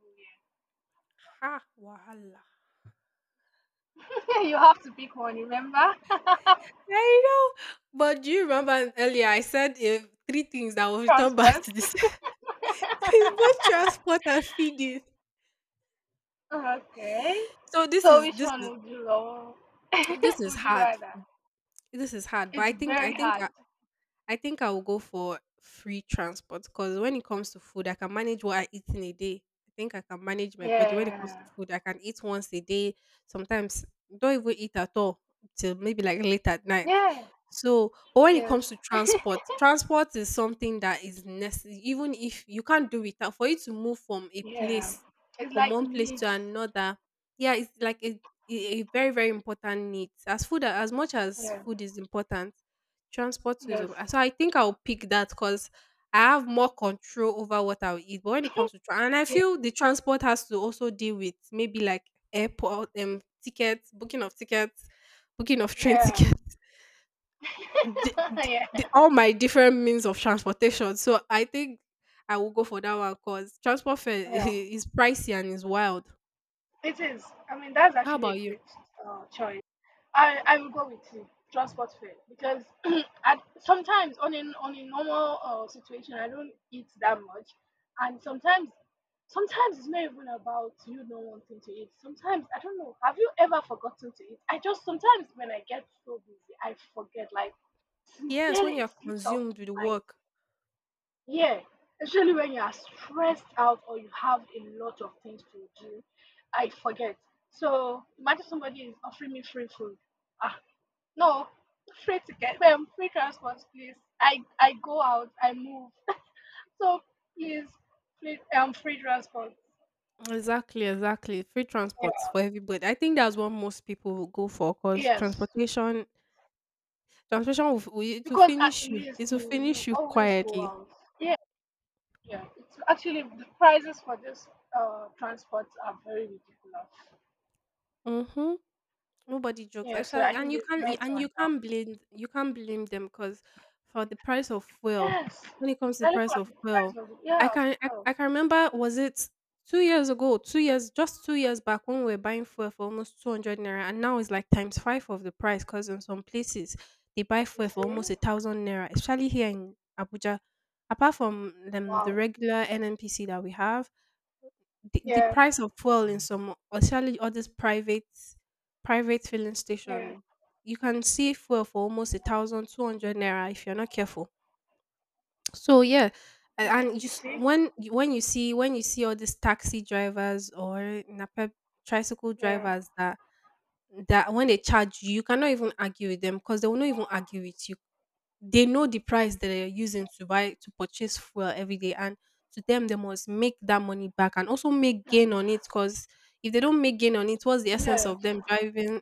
Speaker 2: Ha wahala.
Speaker 1: whole year? You have to pick one, remember?
Speaker 2: I know. But do you remember earlier I said if three things that will return back
Speaker 1: Transport.
Speaker 2: to this is both transport and feeding.
Speaker 1: Okay.
Speaker 2: So this
Speaker 1: So
Speaker 2: is
Speaker 1: which
Speaker 2: this
Speaker 1: one
Speaker 2: is
Speaker 1: would you love?
Speaker 2: this is
Speaker 1: Would you
Speaker 2: hard.
Speaker 1: rather?
Speaker 2: This is hard. But I
Speaker 1: It's
Speaker 2: think I
Speaker 1: very
Speaker 2: think
Speaker 1: hard.
Speaker 2: I think I will go for free transport because when it comes to food, I can manage what I eat in a day. I think I can manage my body when it comes
Speaker 1: Yeah.
Speaker 2: to food. I can eat once a day, sometimes don't even eat at all till maybe like late at night.
Speaker 1: Yeah.
Speaker 2: So, but when it comes
Speaker 1: Yes.
Speaker 2: to transport, transport is something that is necessary, even if you can't do without, for you to move from a
Speaker 1: Yeah,
Speaker 2: place,
Speaker 1: it's
Speaker 2: from
Speaker 1: like
Speaker 2: one place
Speaker 1: needs.
Speaker 2: to another. Yeah, it's like a very, very important need. As food, as much as
Speaker 1: Yeah,
Speaker 2: food is important, transport
Speaker 1: yes,
Speaker 2: tourism. Ah, so I think I'll pick that because I have more control over what I'll eat. But when it comes to and I
Speaker 1: yeah,
Speaker 2: feel the transport has to also deal with maybe like airport tickets, booking of train
Speaker 1: yeah,
Speaker 2: tickets,
Speaker 1: yeah.
Speaker 2: all my different means of transportation. So I think I will go for that one because transport fare
Speaker 1: Yeah.
Speaker 2: is pricey and is wild.
Speaker 1: It is. I mean, that's
Speaker 2: How
Speaker 1: actually
Speaker 2: about
Speaker 1: a
Speaker 2: you?
Speaker 1: great choice. I will go with you, transport fare because sometimes on a normal situation I don't eat that much, and sometimes it's not even about you not wanting to eat. Sometimes I don't know. Have you ever forgotten to eat? I just sometimes when I get so busy, I forget. Like
Speaker 2: Yes,
Speaker 1: sincerely,
Speaker 2: when you're
Speaker 1: it slips out.
Speaker 2: consumed with work.
Speaker 1: Yeah, especially when you are stressed out or you have a lot of things to do, I forget. So imagine somebody is offering me free food. Ah, no, free ticket, free transport, please. I go out, I move. So please, free free transport.
Speaker 2: Exactly, exactly. Free transports
Speaker 1: Yeah.
Speaker 2: for everybody. I think that's what most people will go for because
Speaker 1: Yes,
Speaker 2: transportation will, will, it will
Speaker 1: because at
Speaker 2: finish you. It
Speaker 1: least
Speaker 2: will
Speaker 1: you
Speaker 2: finish
Speaker 1: you
Speaker 2: you
Speaker 1: always go
Speaker 2: quietly.
Speaker 1: out. Yeah, yeah. It's actually the prices for this transports are very ridiculous.
Speaker 2: Mm-hmm. Nobody jokes. I
Speaker 1: Yeah, so
Speaker 2: shall,
Speaker 1: I
Speaker 2: and
Speaker 1: think
Speaker 2: you
Speaker 1: it's
Speaker 2: can't
Speaker 1: my
Speaker 2: and
Speaker 1: turn now.
Speaker 2: you can't blame them because for the price of fuel,
Speaker 1: Yes.
Speaker 2: when it comes to the
Speaker 1: I look
Speaker 2: price
Speaker 1: at
Speaker 2: of
Speaker 1: the price
Speaker 2: fuel,
Speaker 1: of sure.
Speaker 2: I can remember was it 2 years ago, 2 years, just 2 years back when we were buying fuel for almost 200 naira, and now it's like times five of the price because in some places they buy
Speaker 1: You
Speaker 2: fuel for
Speaker 1: see?
Speaker 2: almost 1,000 naira, especially here in Abuja. Apart from them, the
Speaker 1: Wow.
Speaker 2: regular NNPC that we have, the
Speaker 1: Yeah,
Speaker 2: price of fuel in some, especially all these private filling
Speaker 1: yeah,
Speaker 2: station, you can see fuel for almost 1,200 naira if you're not careful. So yeah, a-
Speaker 1: yeah.
Speaker 2: and you,
Speaker 1: You
Speaker 2: s-
Speaker 1: see?
Speaker 2: when you see all these taxi drivers or napep tricycle
Speaker 1: Yeah.
Speaker 2: drivers that when they charge you, you cannot even argue with them because they will not even argue with you. They know the price that they're using to purchase fuel every day, and to them they must make that money back and also make
Speaker 1: Yeah.
Speaker 2: gain on it, because if they don't make gain on it, what's the essence
Speaker 1: Yeah.
Speaker 2: of them driving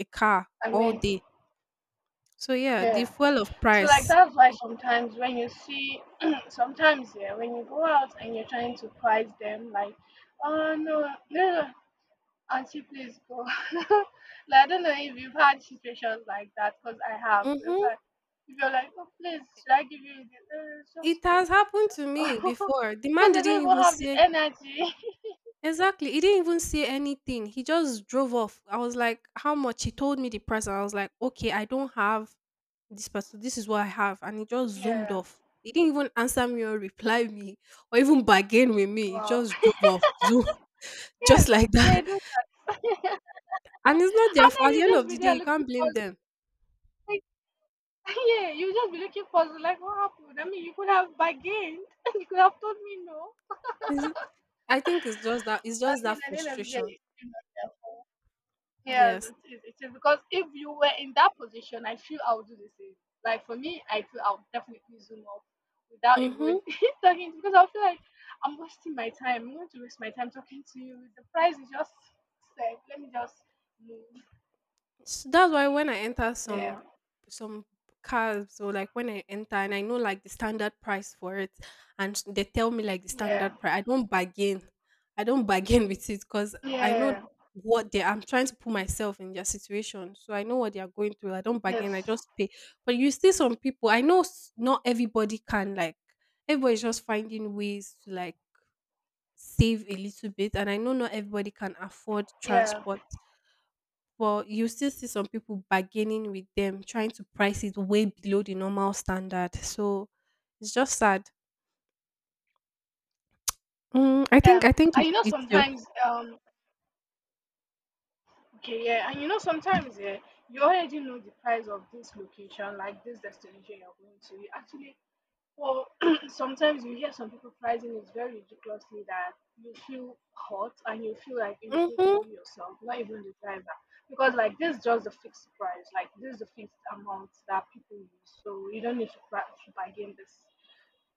Speaker 2: a car
Speaker 1: I
Speaker 2: all
Speaker 1: mean,
Speaker 2: day? So the
Speaker 1: yeah.
Speaker 2: fuel of
Speaker 1: So like
Speaker 2: price.
Speaker 1: that's why sometimes when you see sometimes yeah, when you go out and you're trying to price them like, oh no, no, no. Auntie, please go. Like, I don't know if you've had situations like that because I have. Where I'm
Speaker 2: Mm-hmm.
Speaker 1: like, if you're like, oh, please, should I give you this? Just
Speaker 2: It
Speaker 1: go,
Speaker 2: has
Speaker 1: just
Speaker 2: happened to
Speaker 1: go,
Speaker 2: me
Speaker 1: just go.
Speaker 2: before. The man
Speaker 1: Because they
Speaker 2: didn't
Speaker 1: don't even
Speaker 2: even
Speaker 1: have the
Speaker 2: say
Speaker 1: energy.
Speaker 2: exactly he didn't even say anything, he just drove off. I was like, how much? He told me the price, and I was like, okay, I don't have this person, this is what I have. And he just zoomed
Speaker 1: Yeah.
Speaker 2: off. He didn't even answer me or reply me or even bargain with me. He
Speaker 1: Wow.
Speaker 2: just drove off. Zoom, just
Speaker 1: Yes,
Speaker 2: like that.
Speaker 1: they do.
Speaker 2: And it's not their
Speaker 1: And
Speaker 2: fault.
Speaker 1: then
Speaker 2: At the
Speaker 1: you
Speaker 2: end
Speaker 1: just
Speaker 2: of the
Speaker 1: be
Speaker 2: day,
Speaker 1: there
Speaker 2: you can't
Speaker 1: looking for.
Speaker 2: blame them.
Speaker 1: Like, yeah, you just be looking for like what happened. I mean, you could have bargained. You could have told me no.
Speaker 2: It's- I think it's just that, it's
Speaker 1: But I
Speaker 2: just that
Speaker 1: mean, at the end of the day,
Speaker 2: frustration.
Speaker 1: it's still not their fault. Yes,
Speaker 2: Yes.
Speaker 1: it is. It is because if you were in that position, I feel I would do the same. Like for me, I feel I would definitely zoom off without
Speaker 2: Mm-hmm.
Speaker 1: even talking to because I feel like I'm wasting my time. I'm going to waste my time talking to you. The price is just set. Let me just move.
Speaker 2: S That's why when I enter
Speaker 1: Yeah,
Speaker 2: some cars, or like when I enter and I know like the standard price for it, and they tell me like the
Speaker 1: yeah,
Speaker 2: standard price, I don't bargain. I don't bargain with it because I know
Speaker 1: yeah,
Speaker 2: what they— I'm trying to put myself in their situation. So I know what they are going through. I don't bargain, I
Speaker 1: yes,
Speaker 2: just pay. But you see some people, I know not everybody can, like, everybody's just finding ways to like save a little bit, and I know not everybody can afford
Speaker 1: yeah,
Speaker 2: transport, but you still see some people bargaining with them, trying to price it way below the normal standard. So it's just sad. I think
Speaker 1: yeah.
Speaker 2: I think
Speaker 1: And
Speaker 2: it,
Speaker 1: you know
Speaker 2: it's your.
Speaker 1: sometimes, okay, yeah, and you know sometimes, yeah, you already know the price of this location, like this destination you're going to. You actually. Well, sometimes you hear some people pricing is very ridiculously that you feel hot and you feel like
Speaker 2: Hmm.
Speaker 1: irritated you yourself, not even the driver. Because like this is just the fixed price, like this is the fixed amount that people use. So you don't need to, pri to bargain this.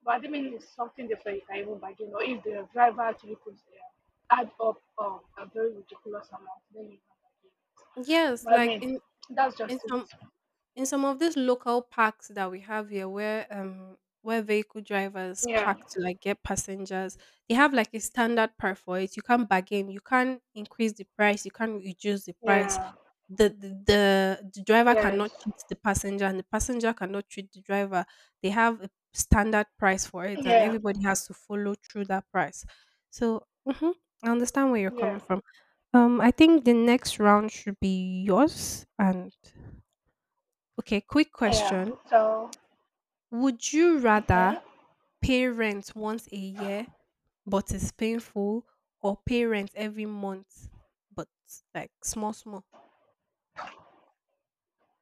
Speaker 1: But I mean it's something different you can even bargain or if the driver actually puts add up a very ridiculous amount, then you can bargain it.
Speaker 2: Yes,
Speaker 1: But I
Speaker 2: like
Speaker 1: mean, that's just
Speaker 2: in
Speaker 1: it.
Speaker 2: some in some of these local parks that we have here where vehicle drivers
Speaker 1: Yeah,
Speaker 2: park to like get passengers, they have like a standard price for it. You can't bargain, you can't increase the price, you can't reduce the price.
Speaker 1: yeah,
Speaker 2: The driver
Speaker 1: yes,
Speaker 2: cannot cheat the passenger, and the passenger cannot treat the driver. They have a standard price for it, and
Speaker 1: yeah,
Speaker 2: everybody has to follow through that price. So mhm, I understand where you're coming
Speaker 1: yeah.
Speaker 2: from. I think the next round should be yours. And okay, quick
Speaker 1: Yeah.
Speaker 2: question.
Speaker 1: So
Speaker 2: Would you
Speaker 1: okay.
Speaker 2: rather pay rent once a year but it's painful, or pay rent every month but like small small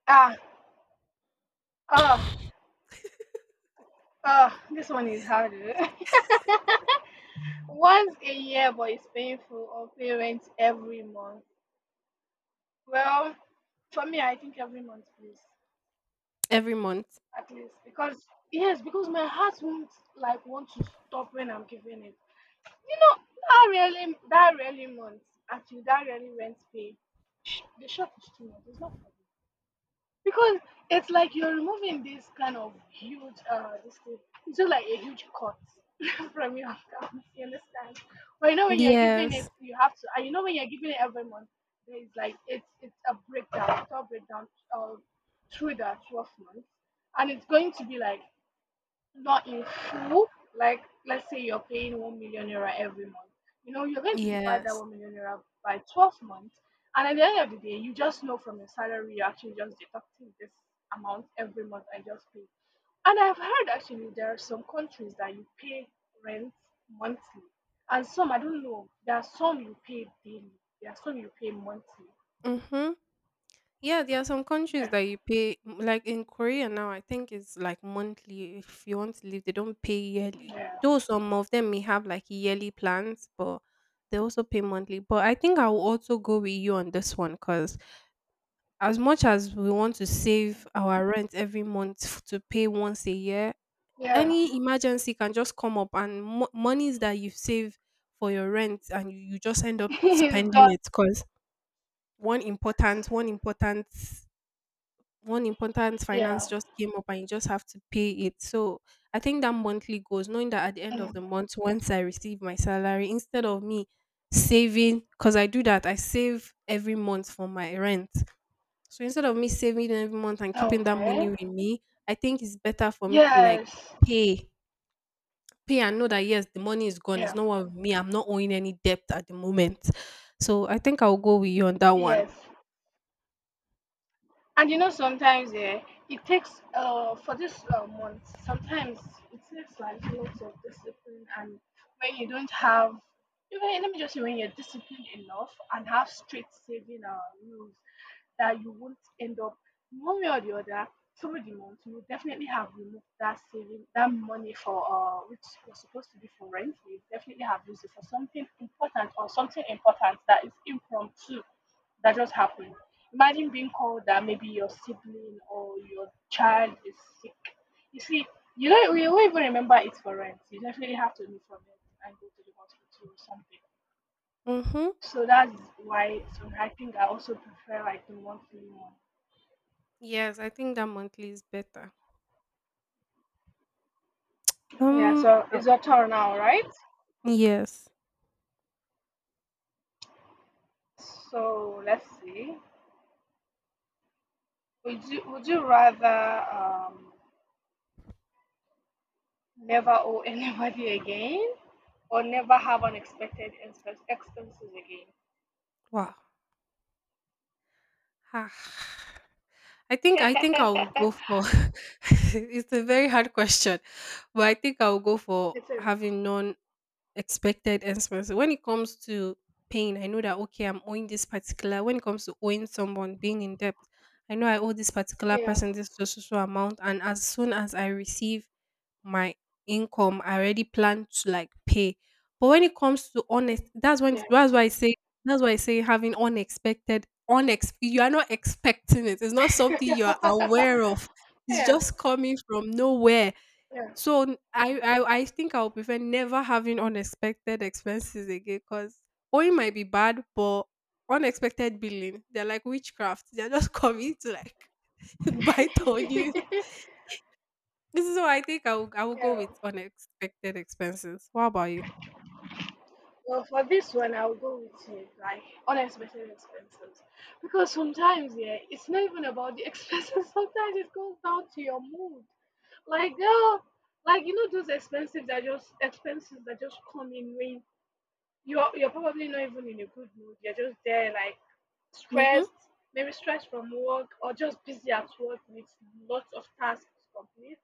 Speaker 1: Ah. Oh. Oh. This one is harder. Once a year, but it's painful. Or pay rent every month. Well, for me, I think every month, please,
Speaker 2: every month?
Speaker 1: at least, because yes, because my heart won't like want to stop when I'm giving it. You know that really month. Actually, that really rent pay. The shop is too much. It's not for me. Because it's like you're removing this kind of huge, this thing. It's just like a huge cut from your account. You understand? But you know when you're giving it,
Speaker 2: Yes.
Speaker 1: you have to. And you know when you're giving it every month, there is like it's a breakdown, uh, through the 12 months, and it's going to be like not in full, like let's say you're paying 1 million naira every month, you know, you're going to divide that
Speaker 2: Yes.
Speaker 1: 1 million naira by 12 months. And at the end of the day, you just know from your salary, you're actually just deducting this amount every month and just pay. And I've heard actually there are some countries that you pay rent monthly, and some I don't know. There are some you pay daily. There are some you pay monthly.
Speaker 2: Mhm. Yeah, there are some countries
Speaker 1: Yeah,
Speaker 2: that you pay, like in Korea now, I think it's like monthly. If you want to live, they don't pay yearly.
Speaker 1: yeah,
Speaker 2: Though some of them may have like yearly plans, but they also pay monthly. But I think I will also go with you on this one, cuz as much as we want to save our rent every month to pay once a year,
Speaker 1: yeah.
Speaker 2: any emergency can just come up, and monies that you save for your rent, and you just end up spending
Speaker 1: Gosh,
Speaker 2: it because one important, one important, one important finance
Speaker 1: yeah.
Speaker 2: just came up, and you just have to pay it. So I think that monthly goals, knowing that at the end of
Speaker 1: Mm.
Speaker 2: the month, once I receive my salary, instead of me saving, because I do that, I save every month for my rent, so instead of me saving it every month and keeping that money
Speaker 1: Okay.
Speaker 2: with me, I think it's better for me to like
Speaker 1: Yes.
Speaker 2: pay, pay and know that yes, the money is gone. It's
Speaker 1: Yeah.
Speaker 2: not one with me. I'm not owing any debt at the moment. So I think I'll go with you on that one.
Speaker 1: Yes. And you know, sometimes yeah, it takes for this month. Sometimes it takes like lots of discipline, and when you don't have, even let me just say, when you're disciplined enough and have strict saving rules, that you won't end up one way or the other through the month. You will definitely have removed that saving, that money for which was supposed to be for rent. You definitely have used it for something important or something important that is impromptu that just happened. Imagine being called that maybe your sibling or your child is sick. You see, you don't, you won't even remember it for rent. You definitely have to leave from it and go to the hospital or something.
Speaker 2: Mm-hmm.
Speaker 1: So that's why I think I also prefer like the one free one.
Speaker 2: Yes, I think that monthly is better.
Speaker 1: Yeah,
Speaker 2: Um.
Speaker 1: so
Speaker 2: uh,
Speaker 1: it's your turn now, right?
Speaker 2: Yes.
Speaker 1: So let's see. Would you rather never owe anybody again or never have expenses
Speaker 2: Wow. Ah. I think I think I will
Speaker 1: again?
Speaker 2: go for. It's a very hard question, but I think I will go for
Speaker 1: It's
Speaker 2: having none expected expenses. When it comes to paying, I know that okay, I'm owing this particular. When it comes to owing someone, being in debt, I know I owe this particular
Speaker 1: yeah,
Speaker 2: person this so so so amount, and as soon as I receive my income, I already plan to like pay. But when it comes to honest, that's when that's
Speaker 1: yes.
Speaker 2: why I say having unexpected unex— you are not expecting it. It's not something you are aware of. It's
Speaker 1: Yeah,
Speaker 2: just coming from nowhere.
Speaker 1: yeah.
Speaker 2: So I think I'll prefer never having unexpected expenses again, because owing might be bad, but unexpected billing, they're like witchcraft. They're just coming to like bite on you. This is why I think I will go
Speaker 1: Yeah.
Speaker 2: with unexpected expenses. What about you?
Speaker 1: Well, for this one, I'll go with you, like unexpected expenses. Because sometimes, yeah, it's not even about the expenses. Sometimes it goes down to your mood. Like, girl, like you know those expenses that just come in when you're probably not even in a good mood. You're just there, like
Speaker 2: Mm-hmm.
Speaker 1: stressed, maybe stressed from work or just busy at work with lots of tasks to complete,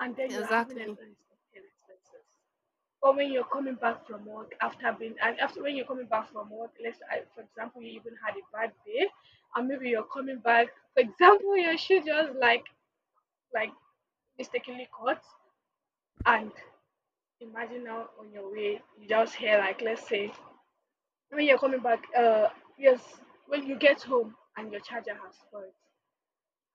Speaker 1: and then you're having an
Speaker 2: Exactly.
Speaker 1: unexpected expenses. Or when you're coming back from work after being and after when you're coming back from work, let's say, for example you even had a bad day, and maybe you're coming back. For example, your shoe just like mistakenly caught, and imagine now on your way you just hear like let's say when you're coming back, yes, when you get home and your charger has spoiled.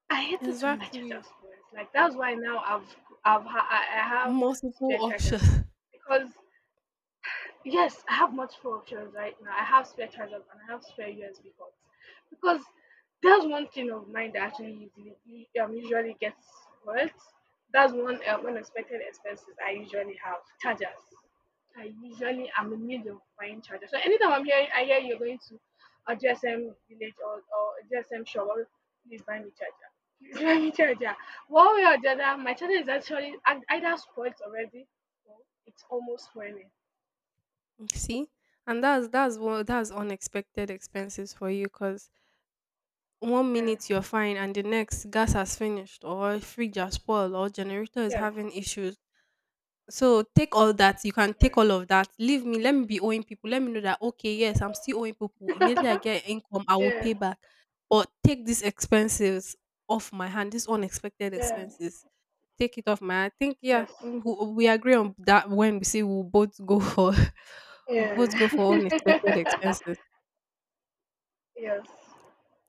Speaker 1: I hate it when my charger
Speaker 2: Exactly.
Speaker 1: spoils. Like that's why now I've ha- I have
Speaker 2: Multiple
Speaker 1: spare chargers
Speaker 2: options.
Speaker 1: because yes, I have multiple options right now. I have spare chargers and I have spare USB cords because that's one thing of mine that actually usually, usually gets spoiled. That's one unexpected expenses I usually have chargers. I usually am in need of buying chargers. So anytime I'm here, I hear you're going to a GSM village or a GSM shop, always, please buy me charger. Please buy me charger. One way or the other, my charger is actually either spoiled already or it's almost spoiling.
Speaker 2: See? And that's unexpected expenses for you, because one
Speaker 1: Yeah.
Speaker 2: minute you're fine and the next, gas has finished or fridge has spoiled or generator is
Speaker 1: Yeah.
Speaker 2: having issues. So take all that, you can
Speaker 1: Yeah.
Speaker 2: take all of that, leave me. Let me be owing people, let me know that okay, yes, I'm still owing people, immediately I get income I will
Speaker 1: Yeah.
Speaker 2: pay back, but take these expenses off my hand, these unexpected
Speaker 1: Yeah,
Speaker 2: expenses, take it off my hand. I think yeah,
Speaker 1: yes.
Speaker 2: we agree on that when we say we'll both go for we'll
Speaker 1: Yeah.
Speaker 2: both go for unexpected expenses.
Speaker 1: Yes.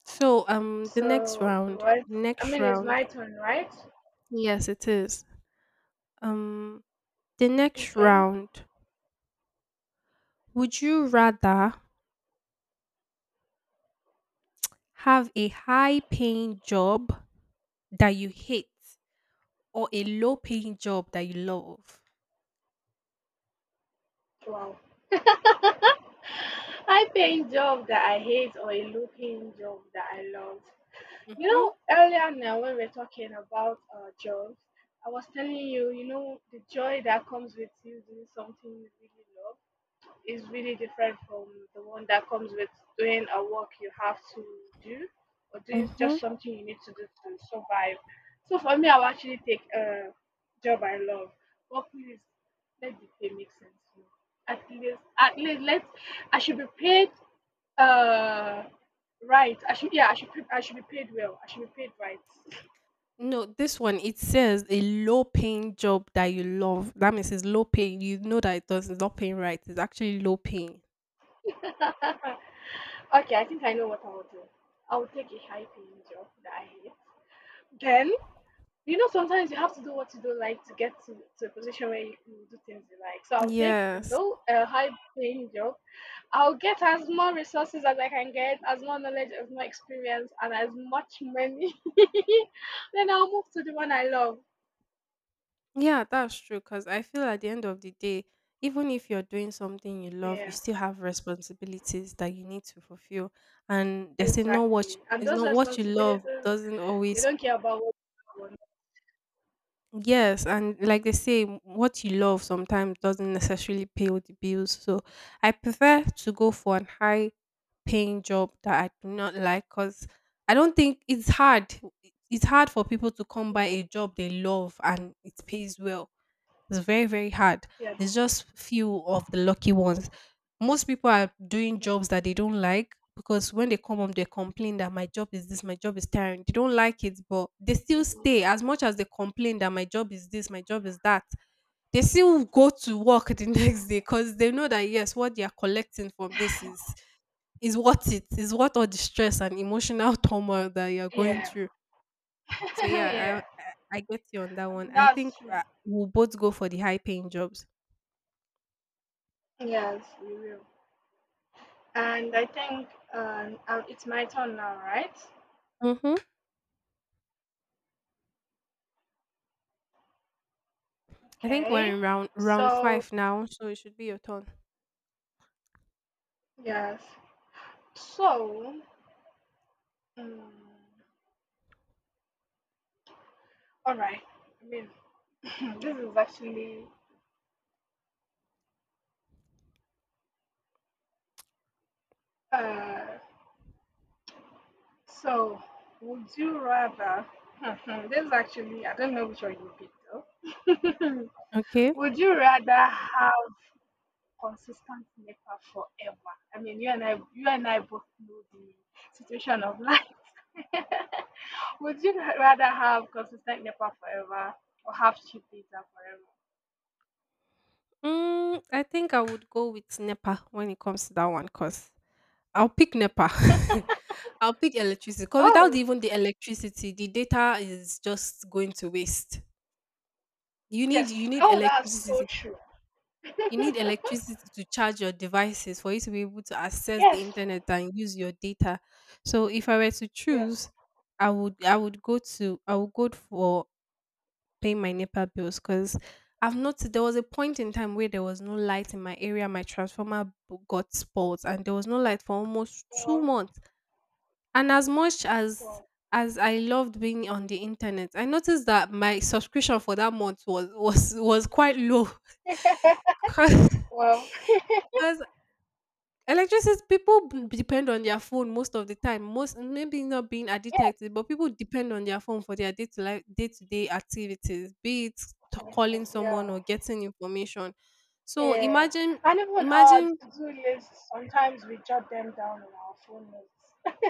Speaker 2: So the next
Speaker 1: So
Speaker 2: round,
Speaker 1: what? I
Speaker 2: next
Speaker 1: mean, it's
Speaker 2: round
Speaker 1: my turn, right?
Speaker 2: Yes, it is. Um, the next
Speaker 1: Okay.
Speaker 2: round. Would you rather have a high paying job that you hate, or a low paying job that you love?
Speaker 1: Wow. I think job that I hate or a looking job that I love. You
Speaker 2: Mm-hmm.
Speaker 1: know, earlier now when we are talking about jobs, I was telling you, you know, the joy that comes with you doing something you really love is really different from the one that comes with doing a work you have to do or doing
Speaker 2: Mm-hmm.
Speaker 1: just something you need to do to survive. So for me, I will actually take a job I love, but please let the pay make sense to me. At least let I should be paid uh right. I should yeah I should be paid well. I should be paid right.
Speaker 2: No, this one it says a low paying job that you love. That means it's low paying. You know that it does— it's not paying right. It's actually low paying.
Speaker 1: Okay, I think I know what I will do. I will take a high paying job that I hate. Then you know, sometimes you have to do what you don't like to get to a position where you can do things you like. So I'll take
Speaker 2: Yes.
Speaker 1: a high paying job. I'll get as more resources as I can get, as more knowledge, as more experience, and as much money. Then I'll move to the one I love.
Speaker 2: Yeah, that's true. Because I feel at the end of the day, even if you're doing something you love, you
Speaker 1: Yeah,
Speaker 2: still have responsibilities that you need to fulfill. And they say, no, what—
Speaker 1: exactly. And
Speaker 2: it's
Speaker 1: those
Speaker 2: not what you love
Speaker 1: responsibilities,
Speaker 2: doesn't
Speaker 1: they
Speaker 2: always.
Speaker 1: don't care about what you want.
Speaker 2: Yes, and like they say, what you love sometimes doesn't necessarily pay all the bills. So I prefer to go for an high paying job that I do not like, because I don't think it's hard. It's hard for people to come by
Speaker 1: Yeah.
Speaker 2: a job they love and it pays well. It's very, very hard.
Speaker 1: Yes.
Speaker 2: It's just few of the lucky ones. Most people are doing jobs that they don't like, because when they come home, they complain that my job is this, my job is tiring. They don't like it, but they still
Speaker 1: Yes.
Speaker 2: stay, as much as they complain that my job is this, my job is that. They still go to work the
Speaker 1: Yes.
Speaker 2: next day because they know that yes, what they are collecting from this is worth it. Is worth all the stress and emotional turmoil that you are going
Speaker 1: Yeah.
Speaker 2: through. So
Speaker 1: Yeah.
Speaker 2: yeah, I get you on that
Speaker 1: I
Speaker 2: one.
Speaker 1: mean,
Speaker 2: I
Speaker 1: that's
Speaker 2: think
Speaker 1: true.
Speaker 2: we'll both go for the high paying jobs.
Speaker 1: Yes, you will. And I think it's my turn now, right?
Speaker 2: Mm-hmm. I think
Speaker 1: Okay.
Speaker 2: we're in round
Speaker 1: So,
Speaker 2: five now, so it should be your turn.
Speaker 1: yes. So, mm all right. I mean, this is actually. Uh, so, would you rather? This is actually. I don't know which one you picked, though.
Speaker 2: Okay.
Speaker 1: Would you rather have consistent NEPA forever? I mean, you and I both know the situation of life. Would you rather have consistent NEPA forever or have cheap data forever?
Speaker 2: I think I would go with NEPA when it comes to that one, cause I'll pick NEPA. I'll pick electricity, cause without
Speaker 1: Oh,
Speaker 2: even the electricity, the data is just going to waste. You need
Speaker 1: yes.
Speaker 2: you need
Speaker 1: Oh, that's so
Speaker 2: electricity
Speaker 1: true.
Speaker 2: You need electricity to charge your devices for you to be able to access the
Speaker 1: Yes.
Speaker 2: internet and use your data. So if I were to
Speaker 1: Yes.
Speaker 2: choose, I would go for paying my NEPA bills because I've noticed there was a point in time where there was no light in my area. My transformer got spoiled and there was no light for almost two
Speaker 1: Well,
Speaker 2: months. And as much as
Speaker 1: well,
Speaker 2: I loved being on the internet, I noticed that my subscription for that month was quite low because
Speaker 1: well.
Speaker 2: electricity— people depend on their phone most of the time. Most maybe not being
Speaker 1: Yes,
Speaker 2: addicted to it, but people depend on their phone for their day to life, day to day activities, be it calling someone
Speaker 1: yeah.
Speaker 2: or getting information. So
Speaker 1: Yeah.
Speaker 2: imagine,
Speaker 1: And even our
Speaker 2: imagine,
Speaker 1: to-do lists, sometimes we jot them down in our phone notes.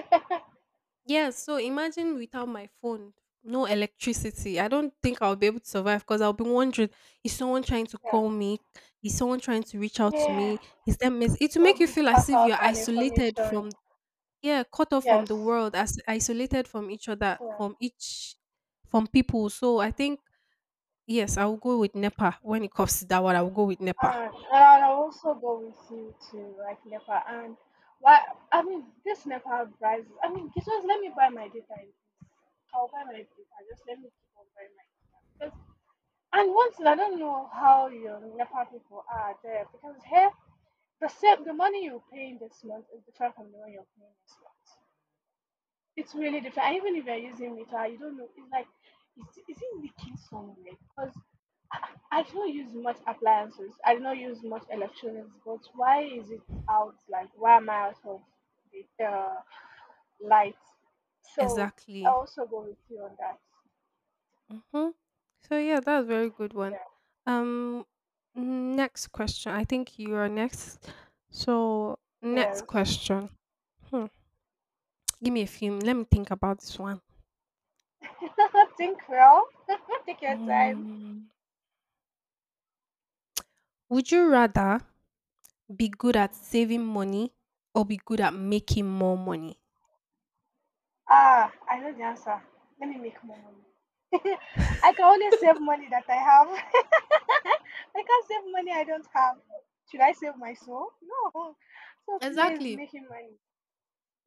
Speaker 2: yes. So imagine without my phone, no electricity. I don't think I'll be able to survive, because I'll be wondering: is someone trying to
Speaker 1: Yeah.
Speaker 2: call me? Is someone trying to reach out to
Speaker 1: Yeah.
Speaker 2: me? Is that mess? It will make you
Speaker 1: Probably
Speaker 2: feel as
Speaker 1: pass
Speaker 2: if
Speaker 1: out
Speaker 2: you're
Speaker 1: an
Speaker 2: isolated
Speaker 1: information.
Speaker 2: from— yeah, cut off from the
Speaker 1: Yes.
Speaker 2: world, as isolated from each other,
Speaker 1: Yeah.
Speaker 2: from each— from people. So I think yes, I will go with NEPA when it comes to that one. I will go with NEPA.
Speaker 1: And I also go with you to like NEPA and why I mean this NEPA prices I mean just let me buy my data in peace. I'll buy my data, just let me keep on buying my data. Because and one thing I don't know how your NEPA people are there because here the money you're paying this month is different from the one you're paying next month. It's really different. And even if you're using meter, you don't know. It's like, is it leaking somewhere? Because I don't use much appliances. I do not use much electronics. But why is it out? Like, why am I out of the light? So I
Speaker 2: Exactly.
Speaker 1: also go with you on that.
Speaker 2: Mm-hmm. So yeah, that's a very good one. um next question, I think you are next. So next
Speaker 1: Yeah.
Speaker 2: question. Hmm. Give me a few, let me think about this one.
Speaker 1: Yes. Think well. Take your time.
Speaker 2: Mm. Would you rather be good at saving money or be good at making more money?
Speaker 1: Ah, I know the answer. Let me make more money. I can only save money that I have. I can't save money I don't have. Should I save my soul? No. So please
Speaker 2: Exactly.
Speaker 1: making money.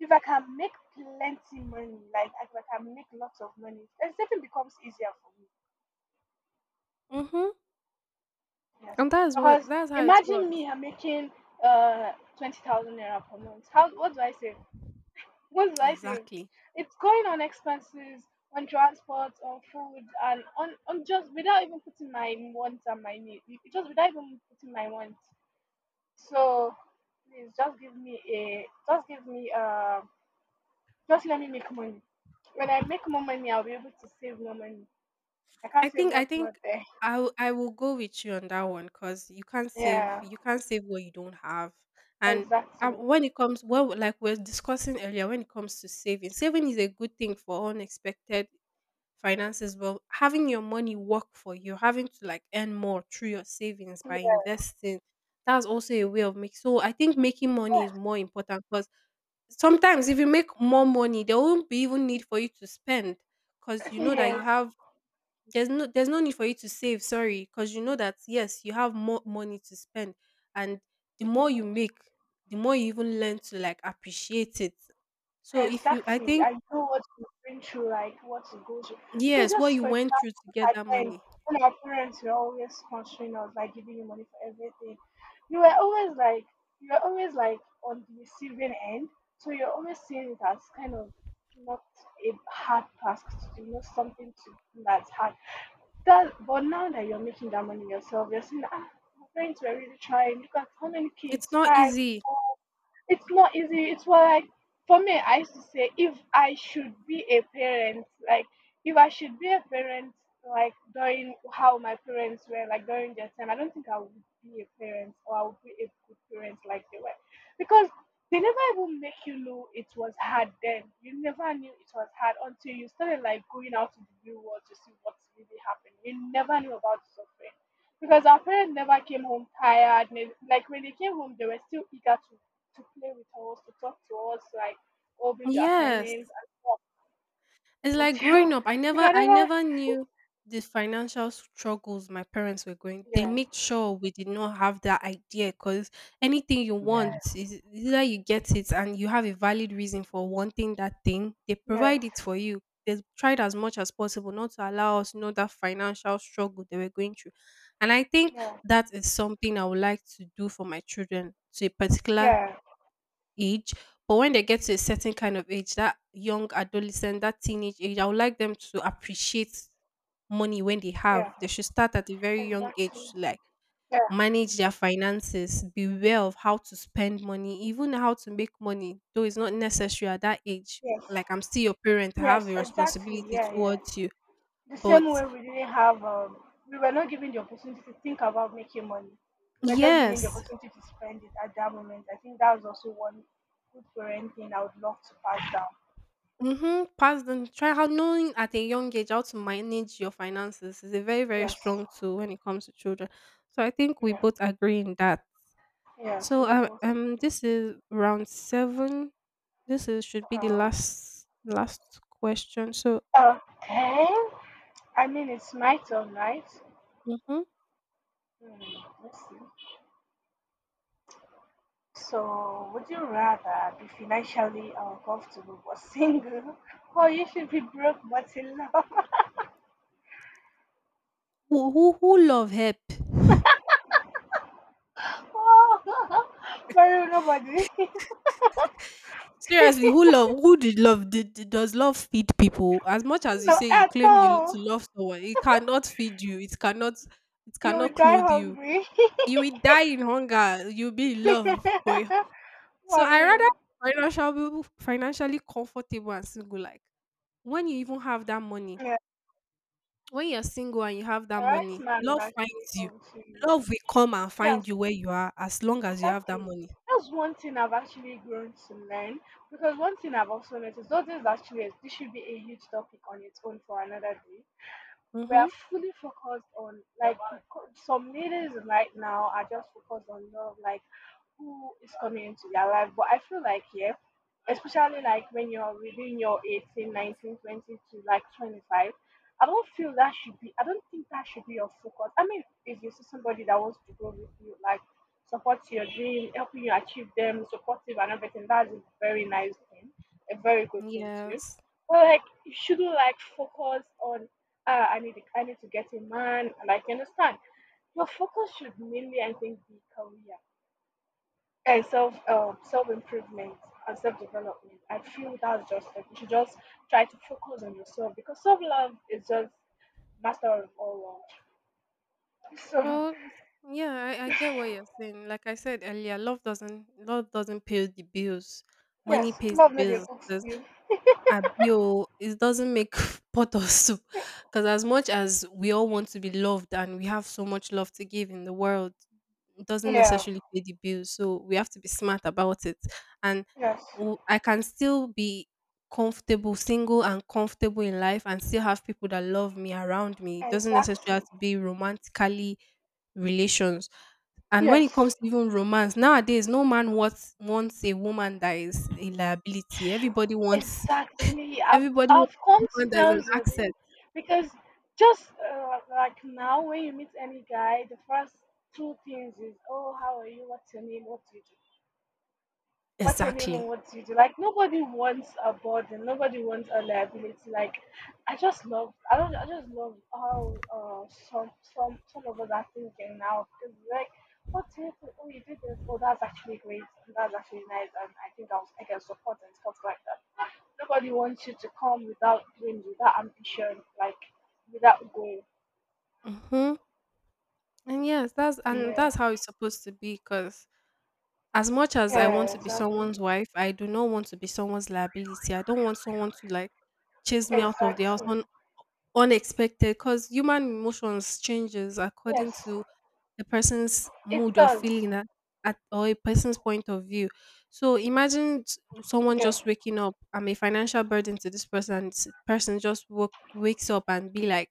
Speaker 1: If I can make plenty money, like if I can make lots of money, then saving becomes easier for me.
Speaker 2: Mm-hmm.
Speaker 1: Yes.
Speaker 2: And that's what—
Speaker 1: Because
Speaker 2: that's how it
Speaker 1: imagine
Speaker 2: works.
Speaker 1: me I'm making uh 20,000 naira per month. How what do I save? What did I say?
Speaker 2: Exactly.
Speaker 1: It's going on expenses, on transport, on food, and on just without even putting my wants and my needs. Just without even putting my wants. So please just give me just let me make money. When I make more money, I'll be able to save more money. I
Speaker 2: I
Speaker 1: can't save
Speaker 2: think I
Speaker 1: what's not
Speaker 2: think
Speaker 1: there.
Speaker 2: I will go with you on that one, because you can't save—
Speaker 1: Yeah,
Speaker 2: you can't save what you don't have. And
Speaker 1: exactly.
Speaker 2: When it comes like we are discussing earlier, when it comes to saving, saving is a good thing for unexpected finances. Well, having your money work for you, having to like earn more through your savings by investing, that's also a way of making. So I think making money is
Speaker 1: Yes.
Speaker 2: more important, because sometimes if
Speaker 1: Yes.
Speaker 2: you make more money there won't be even need for you to spend, because you know that you
Speaker 1: Yes.
Speaker 2: have— there's no need for you to save, sorry, because you know that yes, you have more money to spend. And the more you
Speaker 1: Mm.
Speaker 2: make, the more you even learn to like appreciate it. so if you i
Speaker 1: Exactly.
Speaker 2: think
Speaker 1: I know what you bring through, like what it goes through. Because
Speaker 2: yes, what
Speaker 1: just
Speaker 2: you
Speaker 1: for
Speaker 2: went through
Speaker 1: example,
Speaker 2: to
Speaker 1: look
Speaker 2: get
Speaker 1: at
Speaker 2: that
Speaker 1: when
Speaker 2: money.
Speaker 1: when our parents were always sponsoring us, like giving you money for everything, you were always like you were always like on the receiving end. So you're always seeing it as kind of not a hard task to do, not something to do that's hard. That but now that you're making that money yourself, you're seeing ah my parents were really trying. Look at how many
Speaker 2: It's
Speaker 1: kids,
Speaker 2: not
Speaker 1: five,
Speaker 2: easy.
Speaker 1: four, it's not easy. It's what like for me, I used to say if I should be a parent, like if I should be a parent, like during how my parents were, like during their time, I don't think I would be a parent or I would be a good parent like they were, because they never even make you know it was hard then. You never knew it was hard until you started like going out to the real world to see what's really happening. You never knew about suffering because our parents never came home tired. Like when they came home, they were still eager to play with us, to talk to us, like, oh, bring your
Speaker 2: Yes.
Speaker 1: assignments and
Speaker 2: It's
Speaker 1: stuff
Speaker 2: like growing
Speaker 1: until
Speaker 2: up, I
Speaker 1: you
Speaker 2: never
Speaker 1: can
Speaker 2: I
Speaker 1: never.
Speaker 2: never knew the financial struggles my parents were going. They
Speaker 1: Yeah.
Speaker 2: made sure we did not have that idea, because anything you want
Speaker 1: Yeah.
Speaker 2: is either you get it and you have a valid reason for wanting that thing, they
Speaker 1: Yes.
Speaker 2: provide it for you. They tried as much as possible not to allow us to know that financial struggle they were going through. And I think
Speaker 1: Yeah.
Speaker 2: that is something I would like to do for my children to a particular
Speaker 1: Yeah.
Speaker 2: age, but when they get to a certain kind of age, that young adolescent, that teenage age, I would like them to appreciate money when they have.
Speaker 1: Yeah.
Speaker 2: They should start at a very young
Speaker 1: Exactly.
Speaker 2: age to like
Speaker 1: Yeah.
Speaker 2: manage their finances, be aware of how to spend money, even how to make money, though it's not necessary at that age.
Speaker 1: Yes.
Speaker 2: Like I'm still your parent, I
Speaker 1: Yes.
Speaker 2: have a
Speaker 1: Exactly.
Speaker 2: responsibility
Speaker 1: Yeah. Yeah.
Speaker 2: towards you.
Speaker 1: The
Speaker 2: But
Speaker 1: same way we didn't have, we were not given the opportunity to think about making money. We were just given the
Speaker 2: yes.
Speaker 1: opportunity to spend it at that moment. I think that was also one good parenting I would love to pass down.
Speaker 2: Mhm. Pass them, try how knowing at a young age how to manage your finances is a very, very
Speaker 1: Yes.
Speaker 2: strong tool when it comes to children. So I think we
Speaker 1: Yeah.
Speaker 2: both agree in that.
Speaker 1: Yes.
Speaker 2: So
Speaker 1: We both.
Speaker 2: this is round seven. This is should be the
Speaker 1: Um,
Speaker 2: last last question. So
Speaker 1: okay. I mean, it's my turn, right?
Speaker 2: mhm.
Speaker 1: Hmm, let's see. So, would you rather be financially uncomfortable but single, or you should be broke but in love?
Speaker 2: Who who love help?
Speaker 1: Oh, for real, nobody.
Speaker 2: Seriously, who love, who did love, does love feed people? As much as you
Speaker 1: No,
Speaker 2: say you
Speaker 1: at
Speaker 2: claim you to
Speaker 1: all.
Speaker 2: love someone, it cannot feed you, it cannot it
Speaker 1: You
Speaker 2: cannot
Speaker 1: will die
Speaker 2: clothe you.
Speaker 1: hungry.
Speaker 2: You will die in hunger. You'll be in love, boy. So
Speaker 1: For
Speaker 2: I
Speaker 1: real.
Speaker 2: rather be financially comfortable and single. Like when you even have that money,
Speaker 1: Yeah,
Speaker 2: when you're single and you have that
Speaker 1: the right
Speaker 2: money,
Speaker 1: man will
Speaker 2: love
Speaker 1: actually
Speaker 2: finds you.
Speaker 1: come to you.
Speaker 2: Love will come and find
Speaker 1: Yes,
Speaker 2: you where you are as long as you have that
Speaker 1: exactly.
Speaker 2: money.
Speaker 1: That's one thing I've actually grown to learn because one thing I've also noticed, though this is actually, this should be a huge topic on its own for another day. We are
Speaker 2: Mm-hmm.
Speaker 1: fully focused on like some ladies right now are just focused on love like who is coming into their life. But I feel like, yeah, especially like when you're within your 18, 19, 20 to like 25, I don't feel that should be, I don't think that should be your focus. I mean, if you see somebody that wants to go with you, like support your dream, helping you achieve them, supportive and everything, that's a very nice thing, a very good thing too.
Speaker 2: Yes.
Speaker 1: But like, you shouldn't like focus on, ah, I need to get a man, like, you understand? Your focus should mainly, I think, be career and self self improvement and self development. I feel that's just like you should just try to focus on yourself because self love is just master of all love. So
Speaker 2: Well, yeah, I get what you're saying. Like I said earlier, love doesn't pay the bills.
Speaker 1: yes,
Speaker 2: Money pays the
Speaker 1: love no dey
Speaker 2: bills.
Speaker 1: cook
Speaker 2: 'Cause
Speaker 1: stew.
Speaker 2: Abi o, it doesn't make pot of soup. Because as much as we all want to be loved and we have so much love to give in the world, it doesn't
Speaker 1: Yeah.
Speaker 2: necessarily pay the bills. So we have to be smart about it. And
Speaker 1: Yes.
Speaker 2: I can still be comfortable, single and comfortable in life, and still have people that love me around me. It doesn't necessarily have
Speaker 1: Exactly.
Speaker 2: to be romantically relations. And when it
Speaker 1: Yes.
Speaker 2: comes to even romance, nowadays, no man wants a woman that is a liability. Everybody wants—
Speaker 1: Exactly.
Speaker 2: Everybody wants
Speaker 1: I've come to
Speaker 2: someone, there's an
Speaker 1: terms with it
Speaker 2: accent.
Speaker 1: because just like now when you meet any guy, the first two things is oh how are you, what's your name, what do you do? What
Speaker 2: Exactly.
Speaker 1: anyone wants you to do. Like nobody wants a burden, nobody wants a liability. Like I just love, I don't, I just love how some of us are thinking now because like what if oh you did this, oh that's actually great and that's actually nice and I think I was I can support and stuff like that. Nobody wants you to come without dreams, without ambition, like without goal.
Speaker 2: Hmm. And yes, that's— and
Speaker 1: Yeah,
Speaker 2: that's how it's supposed to be. Because as much as I want
Speaker 1: yeah,
Speaker 2: to be
Speaker 1: exactly,
Speaker 2: someone's wife, I do not want to be someone's liability. I don't want someone to like chase me out of the house
Speaker 1: exactly.
Speaker 2: on unexpected. Because human emotions changes according
Speaker 1: Yes,
Speaker 2: to the person's
Speaker 1: it
Speaker 2: mood or
Speaker 1: does.
Speaker 2: feeling at, or a person's point of view. So imagine someone
Speaker 1: Yeah,
Speaker 2: just waking up. I'm a financial burden to this person. And this person just wakes up and be like,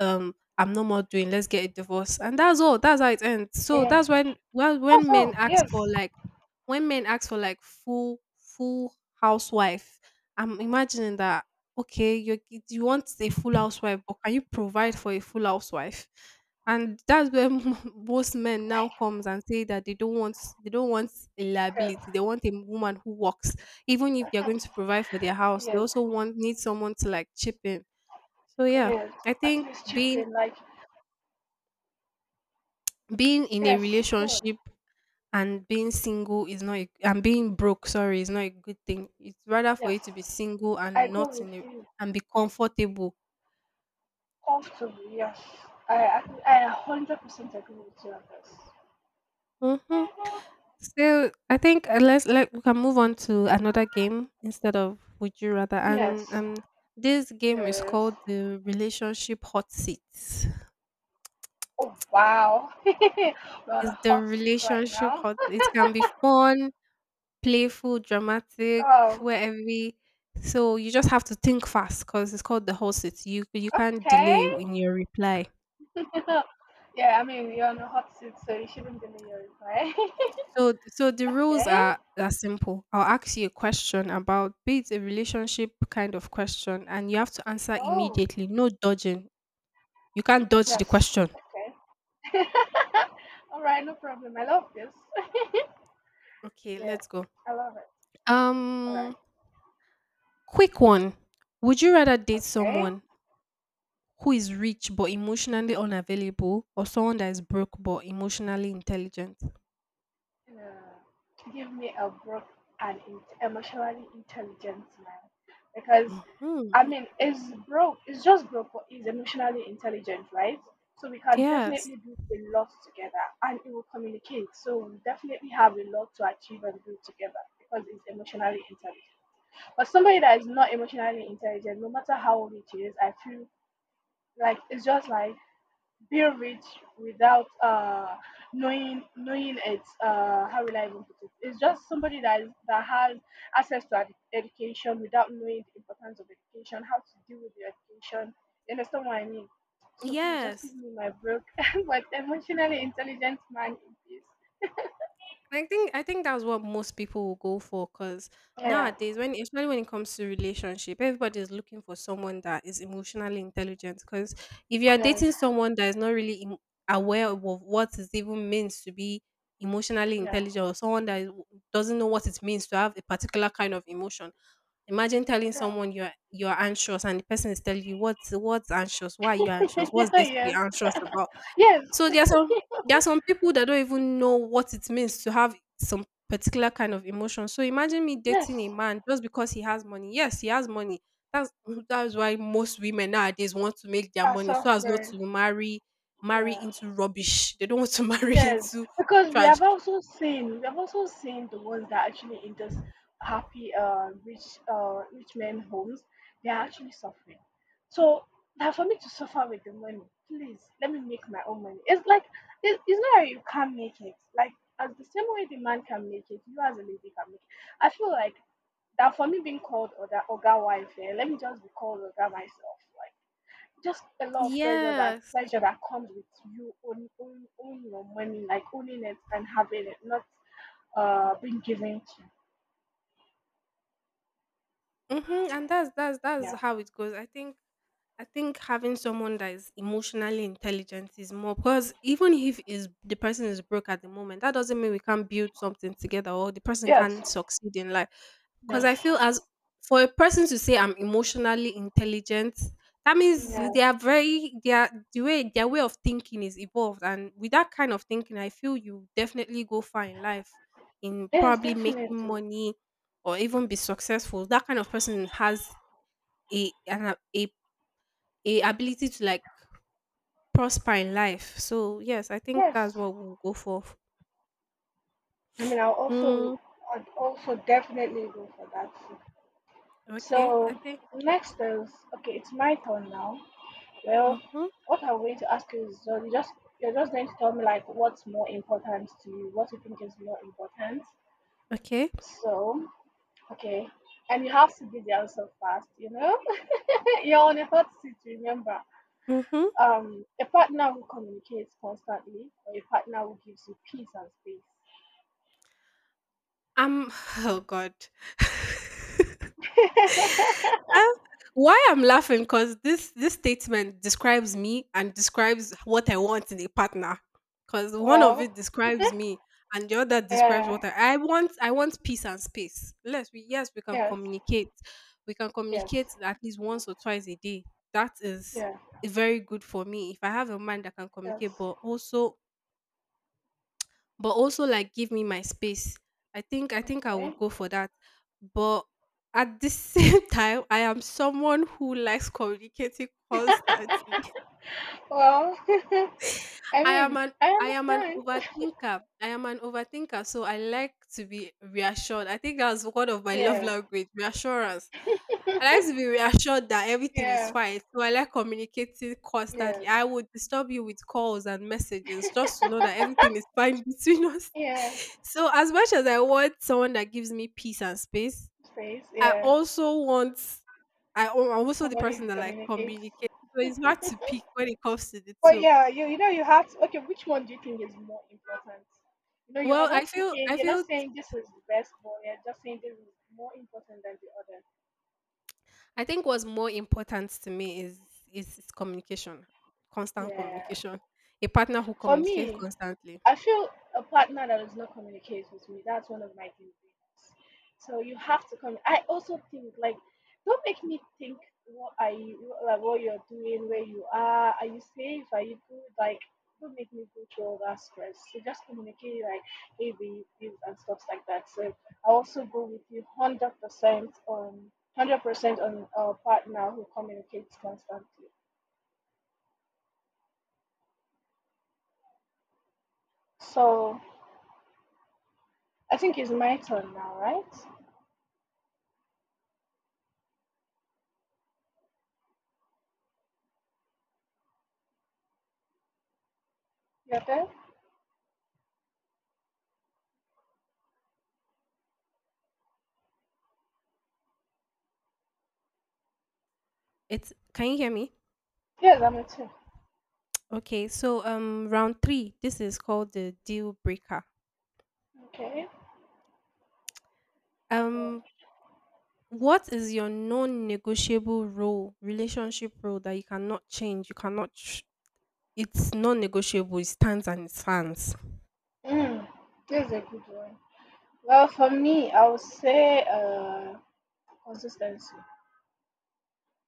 Speaker 2: I'm no more doing. Let's get a divorce, and that's all. That's how it ends. So
Speaker 1: yeah.
Speaker 2: that's when, well,
Speaker 1: That's
Speaker 2: when men
Speaker 1: all.
Speaker 2: ask
Speaker 1: Yes.
Speaker 2: for like— when men ask for like full full housewife. I'm imagining that okay, you want a full housewife, but can you provide for a full housewife? And that's where most men now comes and say that they don't want a
Speaker 1: Yes,
Speaker 2: liability, they want a woman who works, even if they're going to provide for their house they
Speaker 1: yes,
Speaker 2: also want, need someone to like chip in. So yeah,
Speaker 1: yes.
Speaker 2: i
Speaker 1: At
Speaker 2: think
Speaker 1: least chip
Speaker 2: being
Speaker 1: in, like,
Speaker 2: being in a
Speaker 1: yes, Lord,
Speaker 2: relationship and being single is not a— and being broke, sorry, is not a good thing, it's rather for
Speaker 1: yes.
Speaker 2: you to be single
Speaker 1: I
Speaker 2: and
Speaker 1: go
Speaker 2: not
Speaker 1: with
Speaker 2: in a—
Speaker 1: you
Speaker 2: and be comfortable.
Speaker 1: comfortably, yes. I, I 100% agree with you on this.
Speaker 2: Mhm. So I think let's let— we can move on to another game instead of Would You Rather,
Speaker 1: Yes,
Speaker 2: and this game is
Speaker 1: yes.
Speaker 2: called the Relationship Hot seats.
Speaker 1: Oh, wow. We're on a
Speaker 2: It's the
Speaker 1: hot seat right
Speaker 2: relationship
Speaker 1: now.
Speaker 2: hot. It can be fun, playful, dramatic,
Speaker 1: Oh,
Speaker 2: where every— so you just have to think fast because it's called the hot seat. You can't
Speaker 1: okay.
Speaker 2: delay in your reply.
Speaker 1: Yeah, I mean, you're on a hot seat, so you shouldn't delay your reply.
Speaker 2: So the rules
Speaker 1: Okay.
Speaker 2: are simple. I'll ask you a question about, be it a relationship kind of question, and you have to answer
Speaker 1: Oh,
Speaker 2: immediately. No dodging. You can't dodge the
Speaker 1: yes.
Speaker 2: question.
Speaker 1: Okay. All right, no problem. I love this.
Speaker 2: Okay,
Speaker 1: Yeah,
Speaker 2: let's go.
Speaker 1: I love it. Alright,
Speaker 2: Um, quick one. Would you rather date
Speaker 1: okay.
Speaker 2: someone who is rich but emotionally unavailable, or someone that is broke but emotionally intelligent?
Speaker 1: Give me a brook and in- emotionally intelligent man, because I
Speaker 2: Hmm.
Speaker 1: mean, it's broke. It's just broke, but he's emotionally intelligent, right? So we can
Speaker 2: Yes.
Speaker 1: definitely do a lot together, and it will communicate. So we definitely have a lot to achieve and do together because it's emotionally intelligent. But somebody that is not emotionally intelligent, no matter how old it is, I feel like it's just like be rich without knowing it's how will I even put it? It's just somebody that is, that has access to ed- education without knowing the importance of education, how to deal with the education. You understand what I mean? So please just give
Speaker 2: Yes.
Speaker 1: me my book. But emotionally intelligent man in peace.
Speaker 2: I think that's what most people will go for, because
Speaker 1: Yeah.
Speaker 2: nowadays, when especially when it comes to relationship, everybody is looking for someone that is emotionally intelligent. Because if you are
Speaker 1: Yes.
Speaker 2: dating someone that is not really aware of what it even means to be emotionally
Speaker 1: Yeah.
Speaker 2: intelligent, or someone that is— doesn't know what it means to have a particular kind of emotion, imagine telling someone you're anxious and the person is telling you what's anxious, why are you anxious, what's there to be
Speaker 1: Yes.
Speaker 2: anxious about.
Speaker 1: Yes.
Speaker 2: So there are some people that don't even know what it means to have some particular kind of emotion. So imagine me
Speaker 1: Yes.
Speaker 2: dating a man just because he has money. Yes, he has money. That's that's why most women nowadays want to make their
Speaker 1: Are
Speaker 2: money so as not
Speaker 1: suffering.
Speaker 2: to marry
Speaker 1: Yeah.
Speaker 2: into rubbish. They don't want to marry
Speaker 1: Yes,
Speaker 2: into
Speaker 1: because we
Speaker 2: trash.
Speaker 1: have also seen we have also seen the ones that actually in this happy rich rich men homes they are actually suffering. So now for me to suffer with the money, please let me make my own money. It's like it's not that you can't make it. Like as the same way the man can make it, you as a lady can make it. I feel like that for me being called or that oga wife, eh, let me just be called oga myself. Like, just a lot of
Speaker 2: Yes.
Speaker 1: pressure that comes with you own your money, like owning it and having it, not being given to.
Speaker 2: Mhm, and that's
Speaker 1: Yeah.
Speaker 2: how it goes. I think having someone that is emotionally intelligent is more, because even if is the person is broke at the moment, that doesn't mean we can't build something together or the person can
Speaker 1: Yes.
Speaker 2: succeed in life. Because
Speaker 1: Yes.
Speaker 2: I feel, as for a person to say I'm emotionally intelligent, that means
Speaker 1: Yeah.
Speaker 2: they are very— they are, the way their way of thinking is evolved, and with that kind of thinking, I feel you definitely go far in life in
Speaker 1: Yes,
Speaker 2: probably
Speaker 1: definitely.
Speaker 2: making money or even be successful. That kind of person has a an a, a ability to like prosper in life. So yes, I think
Speaker 1: Yes.
Speaker 2: that's what we'll go for.
Speaker 1: I mean, I'll also
Speaker 2: Mm,
Speaker 1: I'd also definitely go for that. Too.
Speaker 2: okay, I
Speaker 1: So
Speaker 2: think.
Speaker 1: next is okay. It's my turn now. Well,
Speaker 2: Mm-hmm.
Speaker 1: what I'm going to ask you is so you just you're just going to tell me like what's more important to you, what you think is more important.
Speaker 2: Okay.
Speaker 1: So okay. And you have to be there answer fast, you know? You're on a hot seat, remember.
Speaker 2: Mm-hmm.
Speaker 1: A partner who communicates constantly, or a partner who gives you peace and
Speaker 2: Um. Oh God.
Speaker 1: space.
Speaker 2: Ah, why I'm laughing because this statement describes me and describes what I want in a partner. Because one of it
Speaker 1: Well,
Speaker 2: describes me and the other describes
Speaker 1: yeah,
Speaker 2: what I want. I want peace and space. Yes we can
Speaker 1: yes,
Speaker 2: communicate. We can
Speaker 1: yes,
Speaker 2: communicate at least once or twice a day. That is
Speaker 1: yeah,
Speaker 2: very good for me if I have a man that can
Speaker 1: yes.
Speaker 2: communicate, but also— but also like give me my space. I think I would
Speaker 1: Okay.
Speaker 2: go for that. But at the same time, I am someone who likes communicating constantly.
Speaker 1: Well, I
Speaker 2: I am
Speaker 1: mean,
Speaker 2: an
Speaker 1: I
Speaker 2: I am an
Speaker 1: understand.
Speaker 2: overthinker. I am an overthinker, so I like to be reassured. I think that's one of my love
Speaker 1: Yeah,
Speaker 2: language, reassurance. I like to be reassured that everything is
Speaker 1: yeah,
Speaker 2: fine. So I like communicating
Speaker 1: yeah,
Speaker 2: constantly. I would disturb you with calls and messages just to know that everything is fine between us.
Speaker 1: yeah.
Speaker 2: So as much as I want someone that gives me peace and space,
Speaker 1: Space,
Speaker 2: I
Speaker 1: yeah.
Speaker 2: also want— I'm also the
Speaker 1: Somebody who
Speaker 2: person that like
Speaker 1: communicates.
Speaker 2: communicates. So it's hard to pick when it comes to the
Speaker 1: But
Speaker 2: two.
Speaker 1: yeah, you know you have to okay, which one do you think is more important? You know, you're
Speaker 2: Well, I
Speaker 1: not
Speaker 2: feel
Speaker 1: picking,
Speaker 2: I
Speaker 1: you're not
Speaker 2: feel
Speaker 1: saying this is the best, but you're just saying this is more important than the
Speaker 2: I think what's more important to me is communication,
Speaker 1: other.
Speaker 2: constant
Speaker 1: Yeah.
Speaker 2: communication. A partner who
Speaker 1: For
Speaker 2: communicates
Speaker 1: me,
Speaker 2: constantly.
Speaker 1: I feel a partner that does not communicate with me, that's one of my deal breakers. So you have to come. I also think like, don't make me think what are you like what you're doing, where you are you safe, are you good? Like, don't make me go through all that stress. So just communicate like, hey, babe, this and stuff like that. So I also go with you 100% on 100% on a partner who communicates constantly. So I think it's my turn now, right? You're there?
Speaker 2: It's— can you hear me?
Speaker 1: Yes, I'm a two.
Speaker 2: Okay, so round 3, this is called the deal breaker.
Speaker 1: Okay. Right.
Speaker 2: Um, what is your non-negotiable role, relationship role that you cannot change, you cannot it's non-negotiable, it stands and it stands.
Speaker 1: Mm, that's a good one. Well, for me, I would say consistency.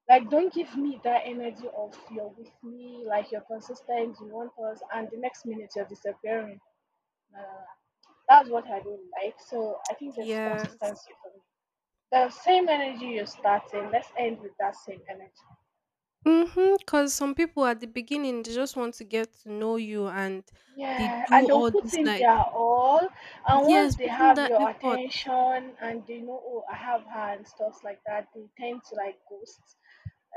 Speaker 1: Like, don't give me that energy of you're with me, like you're consistent, you want us, and the next minute you're disappearing. Nah, nah, nah. That's what I don't like. So I think it's
Speaker 2: Yeah.
Speaker 1: consistency for me. The same energy you're starting, let's end with that same energy.
Speaker 2: Mhm, because some people at the beginning they just want to get to know you and they
Speaker 1: Yeah,
Speaker 2: do
Speaker 1: and they'll
Speaker 2: all
Speaker 1: put
Speaker 2: this
Speaker 1: in
Speaker 2: like—
Speaker 1: their all, and once
Speaker 2: yes,
Speaker 1: they
Speaker 2: put in
Speaker 1: have
Speaker 2: that
Speaker 1: your
Speaker 2: effort.
Speaker 1: attention and they know, oh, I have her and stuff like that, they tend to like ghost.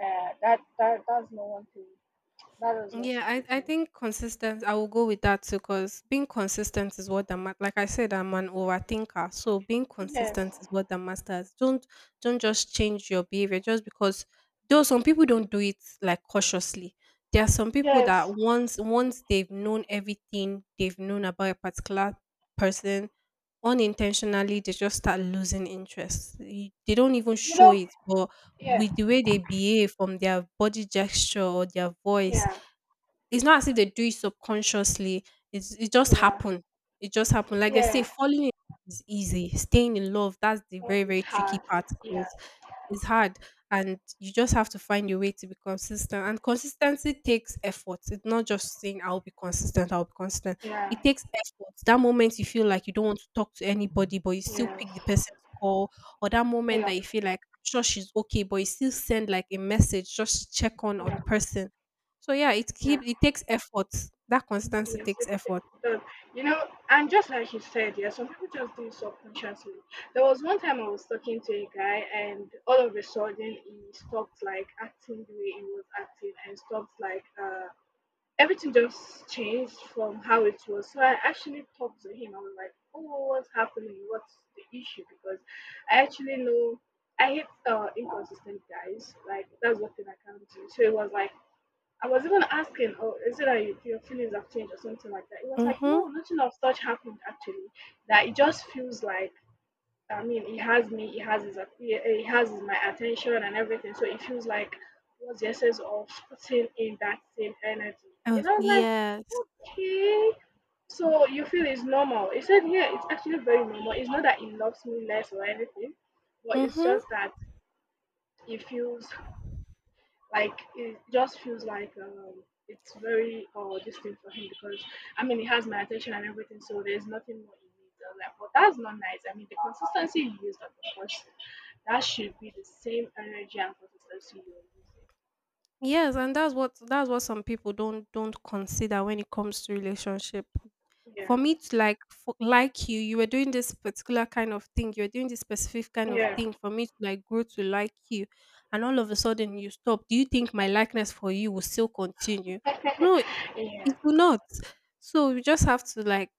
Speaker 1: That's not one thing. That does not
Speaker 2: Yeah,
Speaker 1: sit with
Speaker 2: I
Speaker 1: me.
Speaker 2: think consistent. I will go with that too, because being consistent is what the like I said, I'm an overthinker. So being
Speaker 1: Yes,
Speaker 2: consistent is what the matters. Don't just change your behavior just because. Though some people don't do it like cautiously. There are some people
Speaker 1: yes,
Speaker 2: that once they've known everything they've known about a particular person, unintentionally they just start losing interest. They don't even
Speaker 1: you
Speaker 2: show
Speaker 1: know,
Speaker 2: it, but
Speaker 1: yeah,
Speaker 2: with the way they behave from their body gesture or their voice
Speaker 1: yeah,
Speaker 2: it's not as if they do it subconsciously. It just
Speaker 1: yeah,
Speaker 2: happened. It just happened. Like they say,
Speaker 1: yeah.
Speaker 2: falling in is easy. Staying in love, that's the
Speaker 1: Oh,
Speaker 2: very,
Speaker 1: it's
Speaker 2: very tricky
Speaker 1: hard.
Speaker 2: part
Speaker 1: Yeah,
Speaker 2: because it's hard. And you just have to find your way to be consistent. And consistency takes effort. It's not just saying I'll be consistent, I'll be consistent.
Speaker 1: yeah,
Speaker 2: It takes effort. That moment you feel like you don't want to talk to anybody, but you still
Speaker 1: yes,
Speaker 2: pick the person's call, or that moment
Speaker 1: yeah,
Speaker 2: that you feel like I'm sure she's okay, but you still send like a message just to check on
Speaker 1: yeah,
Speaker 2: person so yeah, it
Speaker 1: yeah.
Speaker 2: keep it takes effort. That consistency
Speaker 1: Yes,
Speaker 2: takes
Speaker 1: it, it
Speaker 2: effort.
Speaker 1: does. You know, and just like you said, yeah, some people just do it subconsciously. There was one time I was talking to a guy, and all of a sudden he stopped like acting the way he was acting, and stopped like everything just changed from how it was. So I actually talked to him. I was like, "Oh, what's happening? What's the issue?" Because I actually know I hate inconsistent guys. Like that's one thing I can't do. So it was like I was even asking, oh, is it that you, your feelings have changed or something like that? It was like,
Speaker 2: Mhm.
Speaker 1: no, nothing of such happened actually. That it just feels like, I mean, he has me, he has my attention and everything. So it feels like what's the essence of putting in that same energy?
Speaker 2: Uh,
Speaker 1: And I was like,
Speaker 2: yes.
Speaker 1: okay. So you feel it's normal? He said, yeah, it's actually very normal. It's not that he loves me less or anything, but it's
Speaker 2: Mhm.
Speaker 1: just that he feels like it just feels like it's very distinct for him because I mean he has my attention and everything, so there's nothing more he needs. I was like, but that's not nice. I mean the consistency you used on the first that should be the same energy and consistency you're
Speaker 2: Yes, and that's what some people don't consider when it comes to relationship. For
Speaker 1: using.
Speaker 2: me, like you, were doing this particular kind of thing. You were doing this specific kind of
Speaker 1: Yeah.
Speaker 2: thing for me to like grow to like you, and all of a sudden you stop. Do you think my likeness for you will still continue?
Speaker 1: Yeah.
Speaker 2: No,
Speaker 1: Yeah.
Speaker 2: it will not. So you just have to like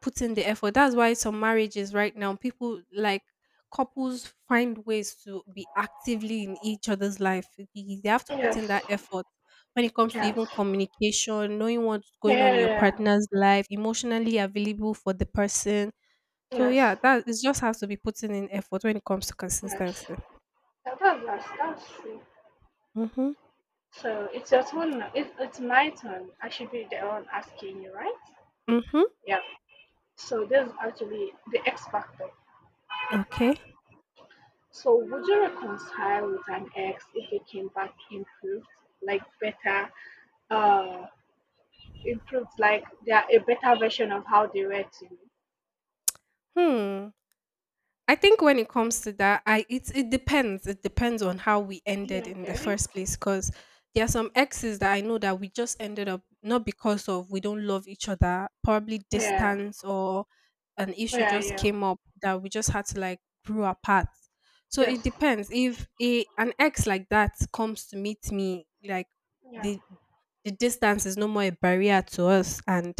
Speaker 2: put in the effort. That's why some marriages right now, people like couples find ways to be actively in each other's life. They have to put in
Speaker 1: Yes.
Speaker 2: that effort when it comes to
Speaker 1: Yes.
Speaker 2: even communication, knowing what's going on in your
Speaker 1: Yeah.
Speaker 2: partner's life, emotionally available for the person. So
Speaker 1: Yes.
Speaker 2: yeah, that it just has to be putting in effort when it comes to
Speaker 1: Yes.
Speaker 2: consistency.
Speaker 1: That's it.
Speaker 2: Mhm.
Speaker 1: So it's your turn now. It's my turn. I should be the one asking you, right?
Speaker 2: Mhm.
Speaker 1: Yeah. So there's actually the X factor.
Speaker 2: Okay.
Speaker 1: So would you reconcile with an ex if they came back improved, like better, uh, improved, like they're a better version of how they were to you?
Speaker 2: Hmm. I think when it comes to that, I it depends. It depends on how we ended
Speaker 1: Yeah,
Speaker 2: in the
Speaker 1: okay.
Speaker 2: first place. Because there are some exes that I know that we just ended up not because of we don't love each other. Probably
Speaker 1: Yeah.
Speaker 2: distance or an issue
Speaker 1: Yeah.
Speaker 2: just
Speaker 1: Yeah.
Speaker 2: came up that we just had to like grew apart. So it
Speaker 1: Yes.
Speaker 2: depends. If a an ex like that comes to meet me, like
Speaker 1: Yeah.
Speaker 2: the the distance is no more a barrier to us and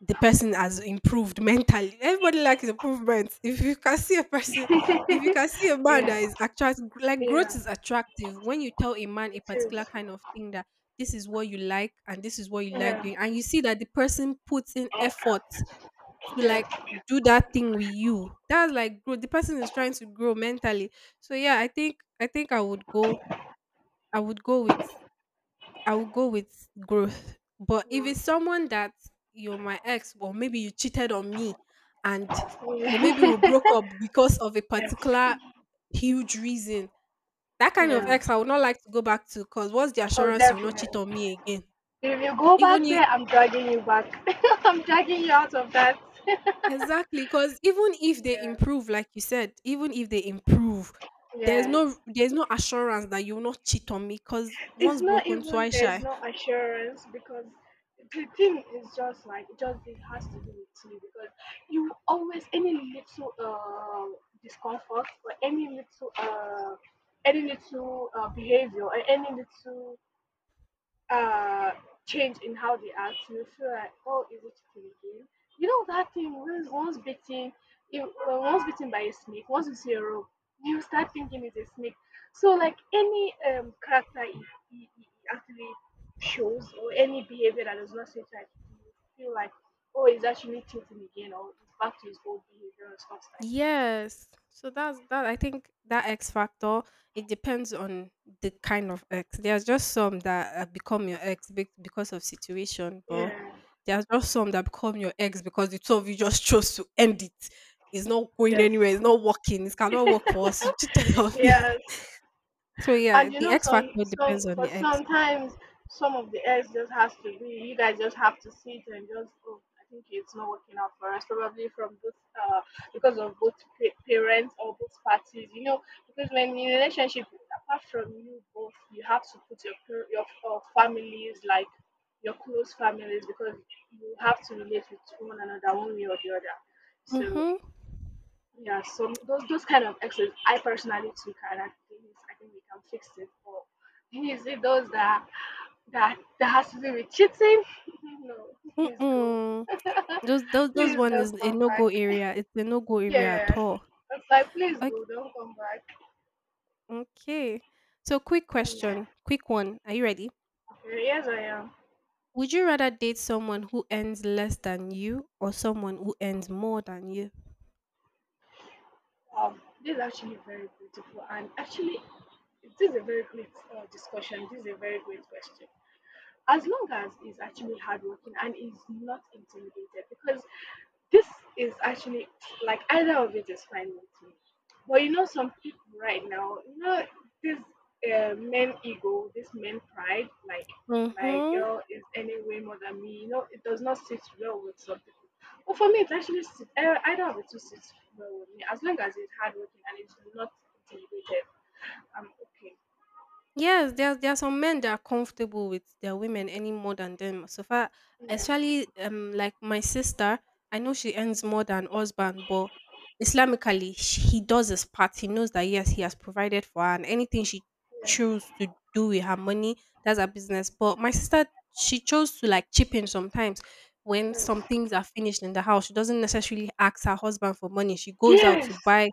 Speaker 2: the person has improved mentally. Everybody likes improvement. If you can see a person, if you
Speaker 1: Yeah.
Speaker 2: can see a man that
Speaker 1: Yeah.
Speaker 2: is attract like growth
Speaker 1: Yeah.
Speaker 2: is attractive. When you tell a man a
Speaker 1: It is.
Speaker 2: particular kind of thing that this is what you like and this is what you like
Speaker 1: Yeah.
Speaker 2: doing, and you see that the person puts in effort to like
Speaker 1: Yeah.
Speaker 2: do that thing with you, that's like growth. The person is trying to grow mentally. So yeah, I think I would go. I would go with I will go with growth. But if
Speaker 1: Yeah.
Speaker 2: it's someone that you're my ex, or maybe you cheated on me, and or maybe we broke up because of a
Speaker 1: Yes.
Speaker 2: particular huge reason, that kind of
Speaker 1: Yeah.
Speaker 2: ex I would not like to go back to. Cause what's the
Speaker 1: Oh,
Speaker 2: assurance you'll not
Speaker 1: definitely.
Speaker 2: cheat on me again?
Speaker 1: If you go
Speaker 2: Even
Speaker 1: back
Speaker 2: if
Speaker 1: there, I'm dragging you back. I'm dragging you out of that.
Speaker 2: exactly, cause even if they
Speaker 1: Yeah,
Speaker 2: improve, like you said, even if they improve, there's
Speaker 1: yeah.
Speaker 2: no there's no assurance that you'll not cheat on me. Cause
Speaker 1: It's
Speaker 2: once
Speaker 1: not
Speaker 2: broken,
Speaker 1: even
Speaker 2: twice
Speaker 1: there's
Speaker 2: shy.
Speaker 1: no assurance because the thing is just like just it has to do with you because you always any little discomfort or any little behavior or any little uh change in how they act you feel like oh is it chicken again, you know that thing once once bitten, if, once bitten by a snake once you see a rope you start thinking it's a snake. So like any character it he actually shows or any behavior that does not seem like it, you feel like oh it's actually tilting again or it's back to his old behavior and stuff
Speaker 2: Yes. So that's that I think that X factor, it depends on the kind of X. There's just some that become your ex because of situation,
Speaker 1: like
Speaker 2: but
Speaker 1: that.
Speaker 2: there's just some that become your ex because the two of you just chose to end it. It's not going anywhere, it's not working, it
Speaker 1: Yeah,
Speaker 2: cannot work for
Speaker 1: yes.
Speaker 2: us. You cheated on me.
Speaker 1: Yes.
Speaker 2: So yeah,
Speaker 1: And you
Speaker 2: the
Speaker 1: know,
Speaker 2: X factor
Speaker 1: some
Speaker 2: depends on
Speaker 1: for
Speaker 2: the X.
Speaker 1: sometimes some of the eggs just has to be. You guys just have to sit and just. Oh, I think it's not working out for us. Probably from both because of both parents or both parties. You know, because when in a relationship, apart from you both, you have to put your your families like your close families because you have to relate with one another one way or the other. So
Speaker 2: Mm-hmm.
Speaker 1: yeah, so those kind of exes, I personally took, and I think we can fix it. But is it those that that that has to do with cheating? No, please go.
Speaker 2: Mm-mm. Those
Speaker 1: Please
Speaker 2: one
Speaker 1: don't
Speaker 2: is a
Speaker 1: come
Speaker 2: no-go
Speaker 1: back.
Speaker 2: area. It's a no-go area at
Speaker 1: Yeah,
Speaker 2: all.
Speaker 1: it's like please
Speaker 2: Okay.
Speaker 1: go, don't come back.
Speaker 2: Okay. So quick
Speaker 1: Yeah.
Speaker 2: question, quick one. Are you ready?
Speaker 1: Okay, yes I am.
Speaker 2: Would you rather date someone who earns less than you or someone who earns more than you?
Speaker 1: This is actually very beautiful, and actually this is a very great discussion. This is a very great question. As long as he's actually hardworking and he's not intimidated, because this is actually like either of it is fine with me. But you know, some people right now, you know, this men ego, this men pride, like my
Speaker 2: Mm-hmm.
Speaker 1: girl is any way more than me. You know, it does not sit well with some people. But for me, it actually sit, either of the two sits well with me as long as it's hardworking and it's not intimidated. I'm okay.
Speaker 2: Yes, there are some men that are comfortable with their women any more than them. So far,
Speaker 1: Yeah,
Speaker 2: especially like my sister, I know she earns more than husband, but Islamically sh he does his part. He knows that yes, he has provided for her, and anything she
Speaker 1: yeah,
Speaker 2: chose to do with her money, that's her business. But my sister, she chose to like chip in sometimes when some
Speaker 1: yes,
Speaker 2: things are finished in the house. She doesn't necessarily ask her husband for money. She goes out to
Speaker 1: yes,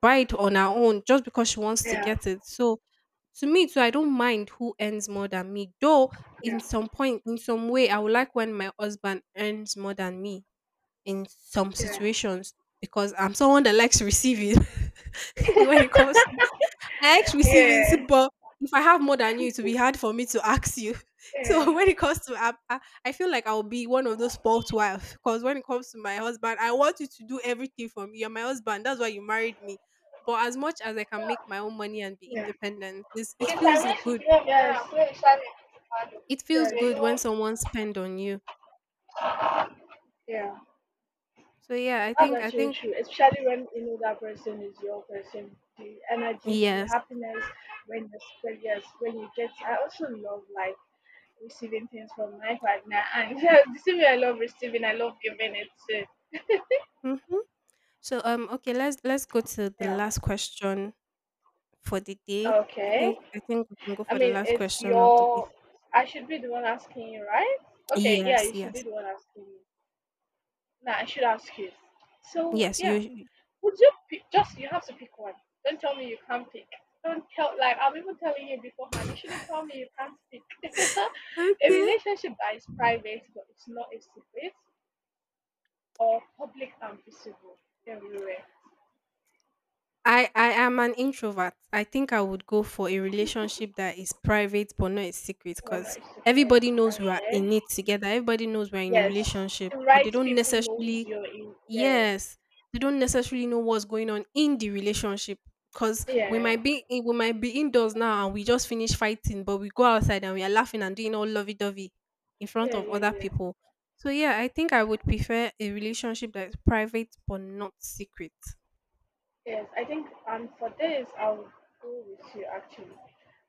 Speaker 2: buy it on her own just because she wants to
Speaker 1: yeah,
Speaker 2: get it. So to me too, I don't mind who earns more than me. Though in
Speaker 1: yeah,
Speaker 2: some point, in some way, I would like when my husband earns more than me in some
Speaker 1: yeah,
Speaker 2: situations because I'm someone that likes receiving when it comes I like
Speaker 1: yeah.
Speaker 2: receiving, so- but if I have more than you, it will be hard for me to ask you. So when it comes to, I feel like I'll be one of those spoilt wife. Because when it comes to my husband, I want you to do everything for me. You're my husband. That's why you married me. But as much as I can make my own money and be independent, it's, it
Speaker 1: Yes, I
Speaker 2: feels
Speaker 1: mean,
Speaker 2: good.
Speaker 1: yes, when it started to
Speaker 2: It feels
Speaker 1: yes, they
Speaker 2: good when
Speaker 1: don't
Speaker 2: someone spend on you.
Speaker 1: yeah.
Speaker 2: So yeah, I
Speaker 1: That's
Speaker 2: think I
Speaker 1: actually
Speaker 2: think
Speaker 1: true, especially when you know that person is your person. The energy, the
Speaker 2: yes.
Speaker 1: happiness when you spread, yes, when you get. I also love like receiving things from my partner, and yeah, the same way I love receiving, I love giving it too.
Speaker 2: Hmm. So okay, let's go to the
Speaker 1: Yeah.
Speaker 2: last question for the day. I
Speaker 1: Okay.
Speaker 2: think I think we can go
Speaker 1: I
Speaker 2: for the
Speaker 1: mean,
Speaker 2: last
Speaker 1: it's
Speaker 2: question of the day.
Speaker 1: your. I should be the one asking you, right? Okay. Yeah,
Speaker 2: Yes,
Speaker 1: you should
Speaker 2: yes.
Speaker 1: be the one asking me. Nah, I should ask you. So
Speaker 2: Yes,
Speaker 1: yeah,
Speaker 2: you
Speaker 1: would you pick? Just you have to pick one. Don't tell me you can't pick. Don't tell like I'm even telling you beforehand. You shouldn't tell me you can't pick. A
Speaker 2: Okay.
Speaker 1: relationship that is private but it's not a secret, or public and visible everywhere.
Speaker 2: I am an introvert. I think I would go for a relationship that is private but not a secret
Speaker 1: Well, not
Speaker 2: because
Speaker 1: a secret.
Speaker 2: everybody knows we are
Speaker 1: Okay.
Speaker 2: in it together. Everybody knows we're in a
Speaker 1: Yes,
Speaker 2: relationship,
Speaker 1: the
Speaker 2: but
Speaker 1: right
Speaker 2: they don't
Speaker 1: people knows
Speaker 2: necessarily
Speaker 1: you're in. Yeah,
Speaker 2: Yes, they don't necessarily know what's going on in the relationship because we
Speaker 1: yeah,
Speaker 2: might be in, we might be indoors now and we just finish fighting, but we go outside and we are laughing and doing all lovey dovey in front
Speaker 1: yeah,
Speaker 2: of
Speaker 1: yeah,
Speaker 2: other
Speaker 1: yeah.
Speaker 2: people. So yeah, I think I would prefer a relationship that's private but not secret.
Speaker 1: Yes, I think. And for this, I'll go with you. Actually,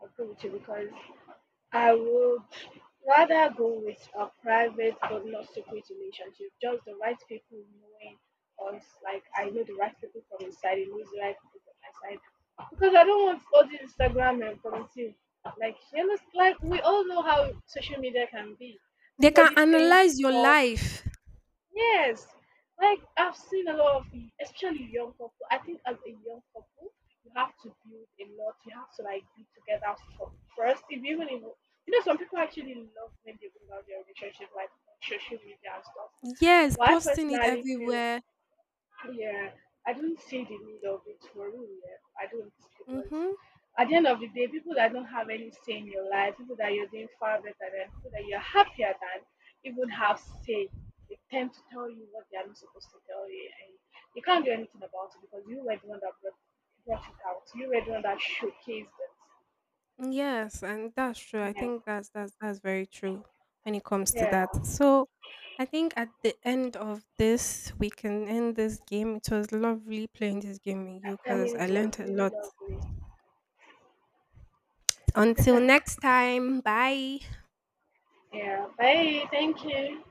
Speaker 1: I'll go with you because I would rather go with a private but not secret relationship. Just the right people knowing us, like I know the right people from inside. Side, knows the right people from my side. Because I don't want all this Instagram and community. Like you know, like we all know how social media can be.
Speaker 2: They can
Speaker 1: Somebody saying
Speaker 2: analyze your
Speaker 1: stuff.
Speaker 2: life.
Speaker 1: Yes, like I've seen a lot of, especially young couple. I think as a young couple, you have to build a lot. You have to like be together for, first. If even if you know, some people actually love when they bring out their relationship like on social media and stuff.
Speaker 2: Yes,
Speaker 1: But I
Speaker 2: posting it
Speaker 1: personally feel
Speaker 2: everywhere.
Speaker 1: yeah, I don't see the need of it for real. Yeah, I don't because
Speaker 2: Mm-hmm.
Speaker 1: at the end of the day, people that don't have any say in your life, people that you're doing far better than, people that you're happier than, even have say. They tend to tell you what they are not supposed to tell you, and you can't do anything about it because you were the one that brought it out. You were the one that showcased it.
Speaker 2: Yes, and that's true. I
Speaker 1: Yeah,
Speaker 2: think that's that's very true when it comes to
Speaker 1: yeah.
Speaker 2: that. So I think at the end of this, we can end this game. It was lovely playing this game with you
Speaker 1: I
Speaker 2: because
Speaker 1: mean,
Speaker 2: I
Speaker 1: it was
Speaker 2: learned a
Speaker 1: really
Speaker 2: lot.
Speaker 1: lovely.
Speaker 2: Until next time, bye.
Speaker 1: Yeah. Bye. Thank you.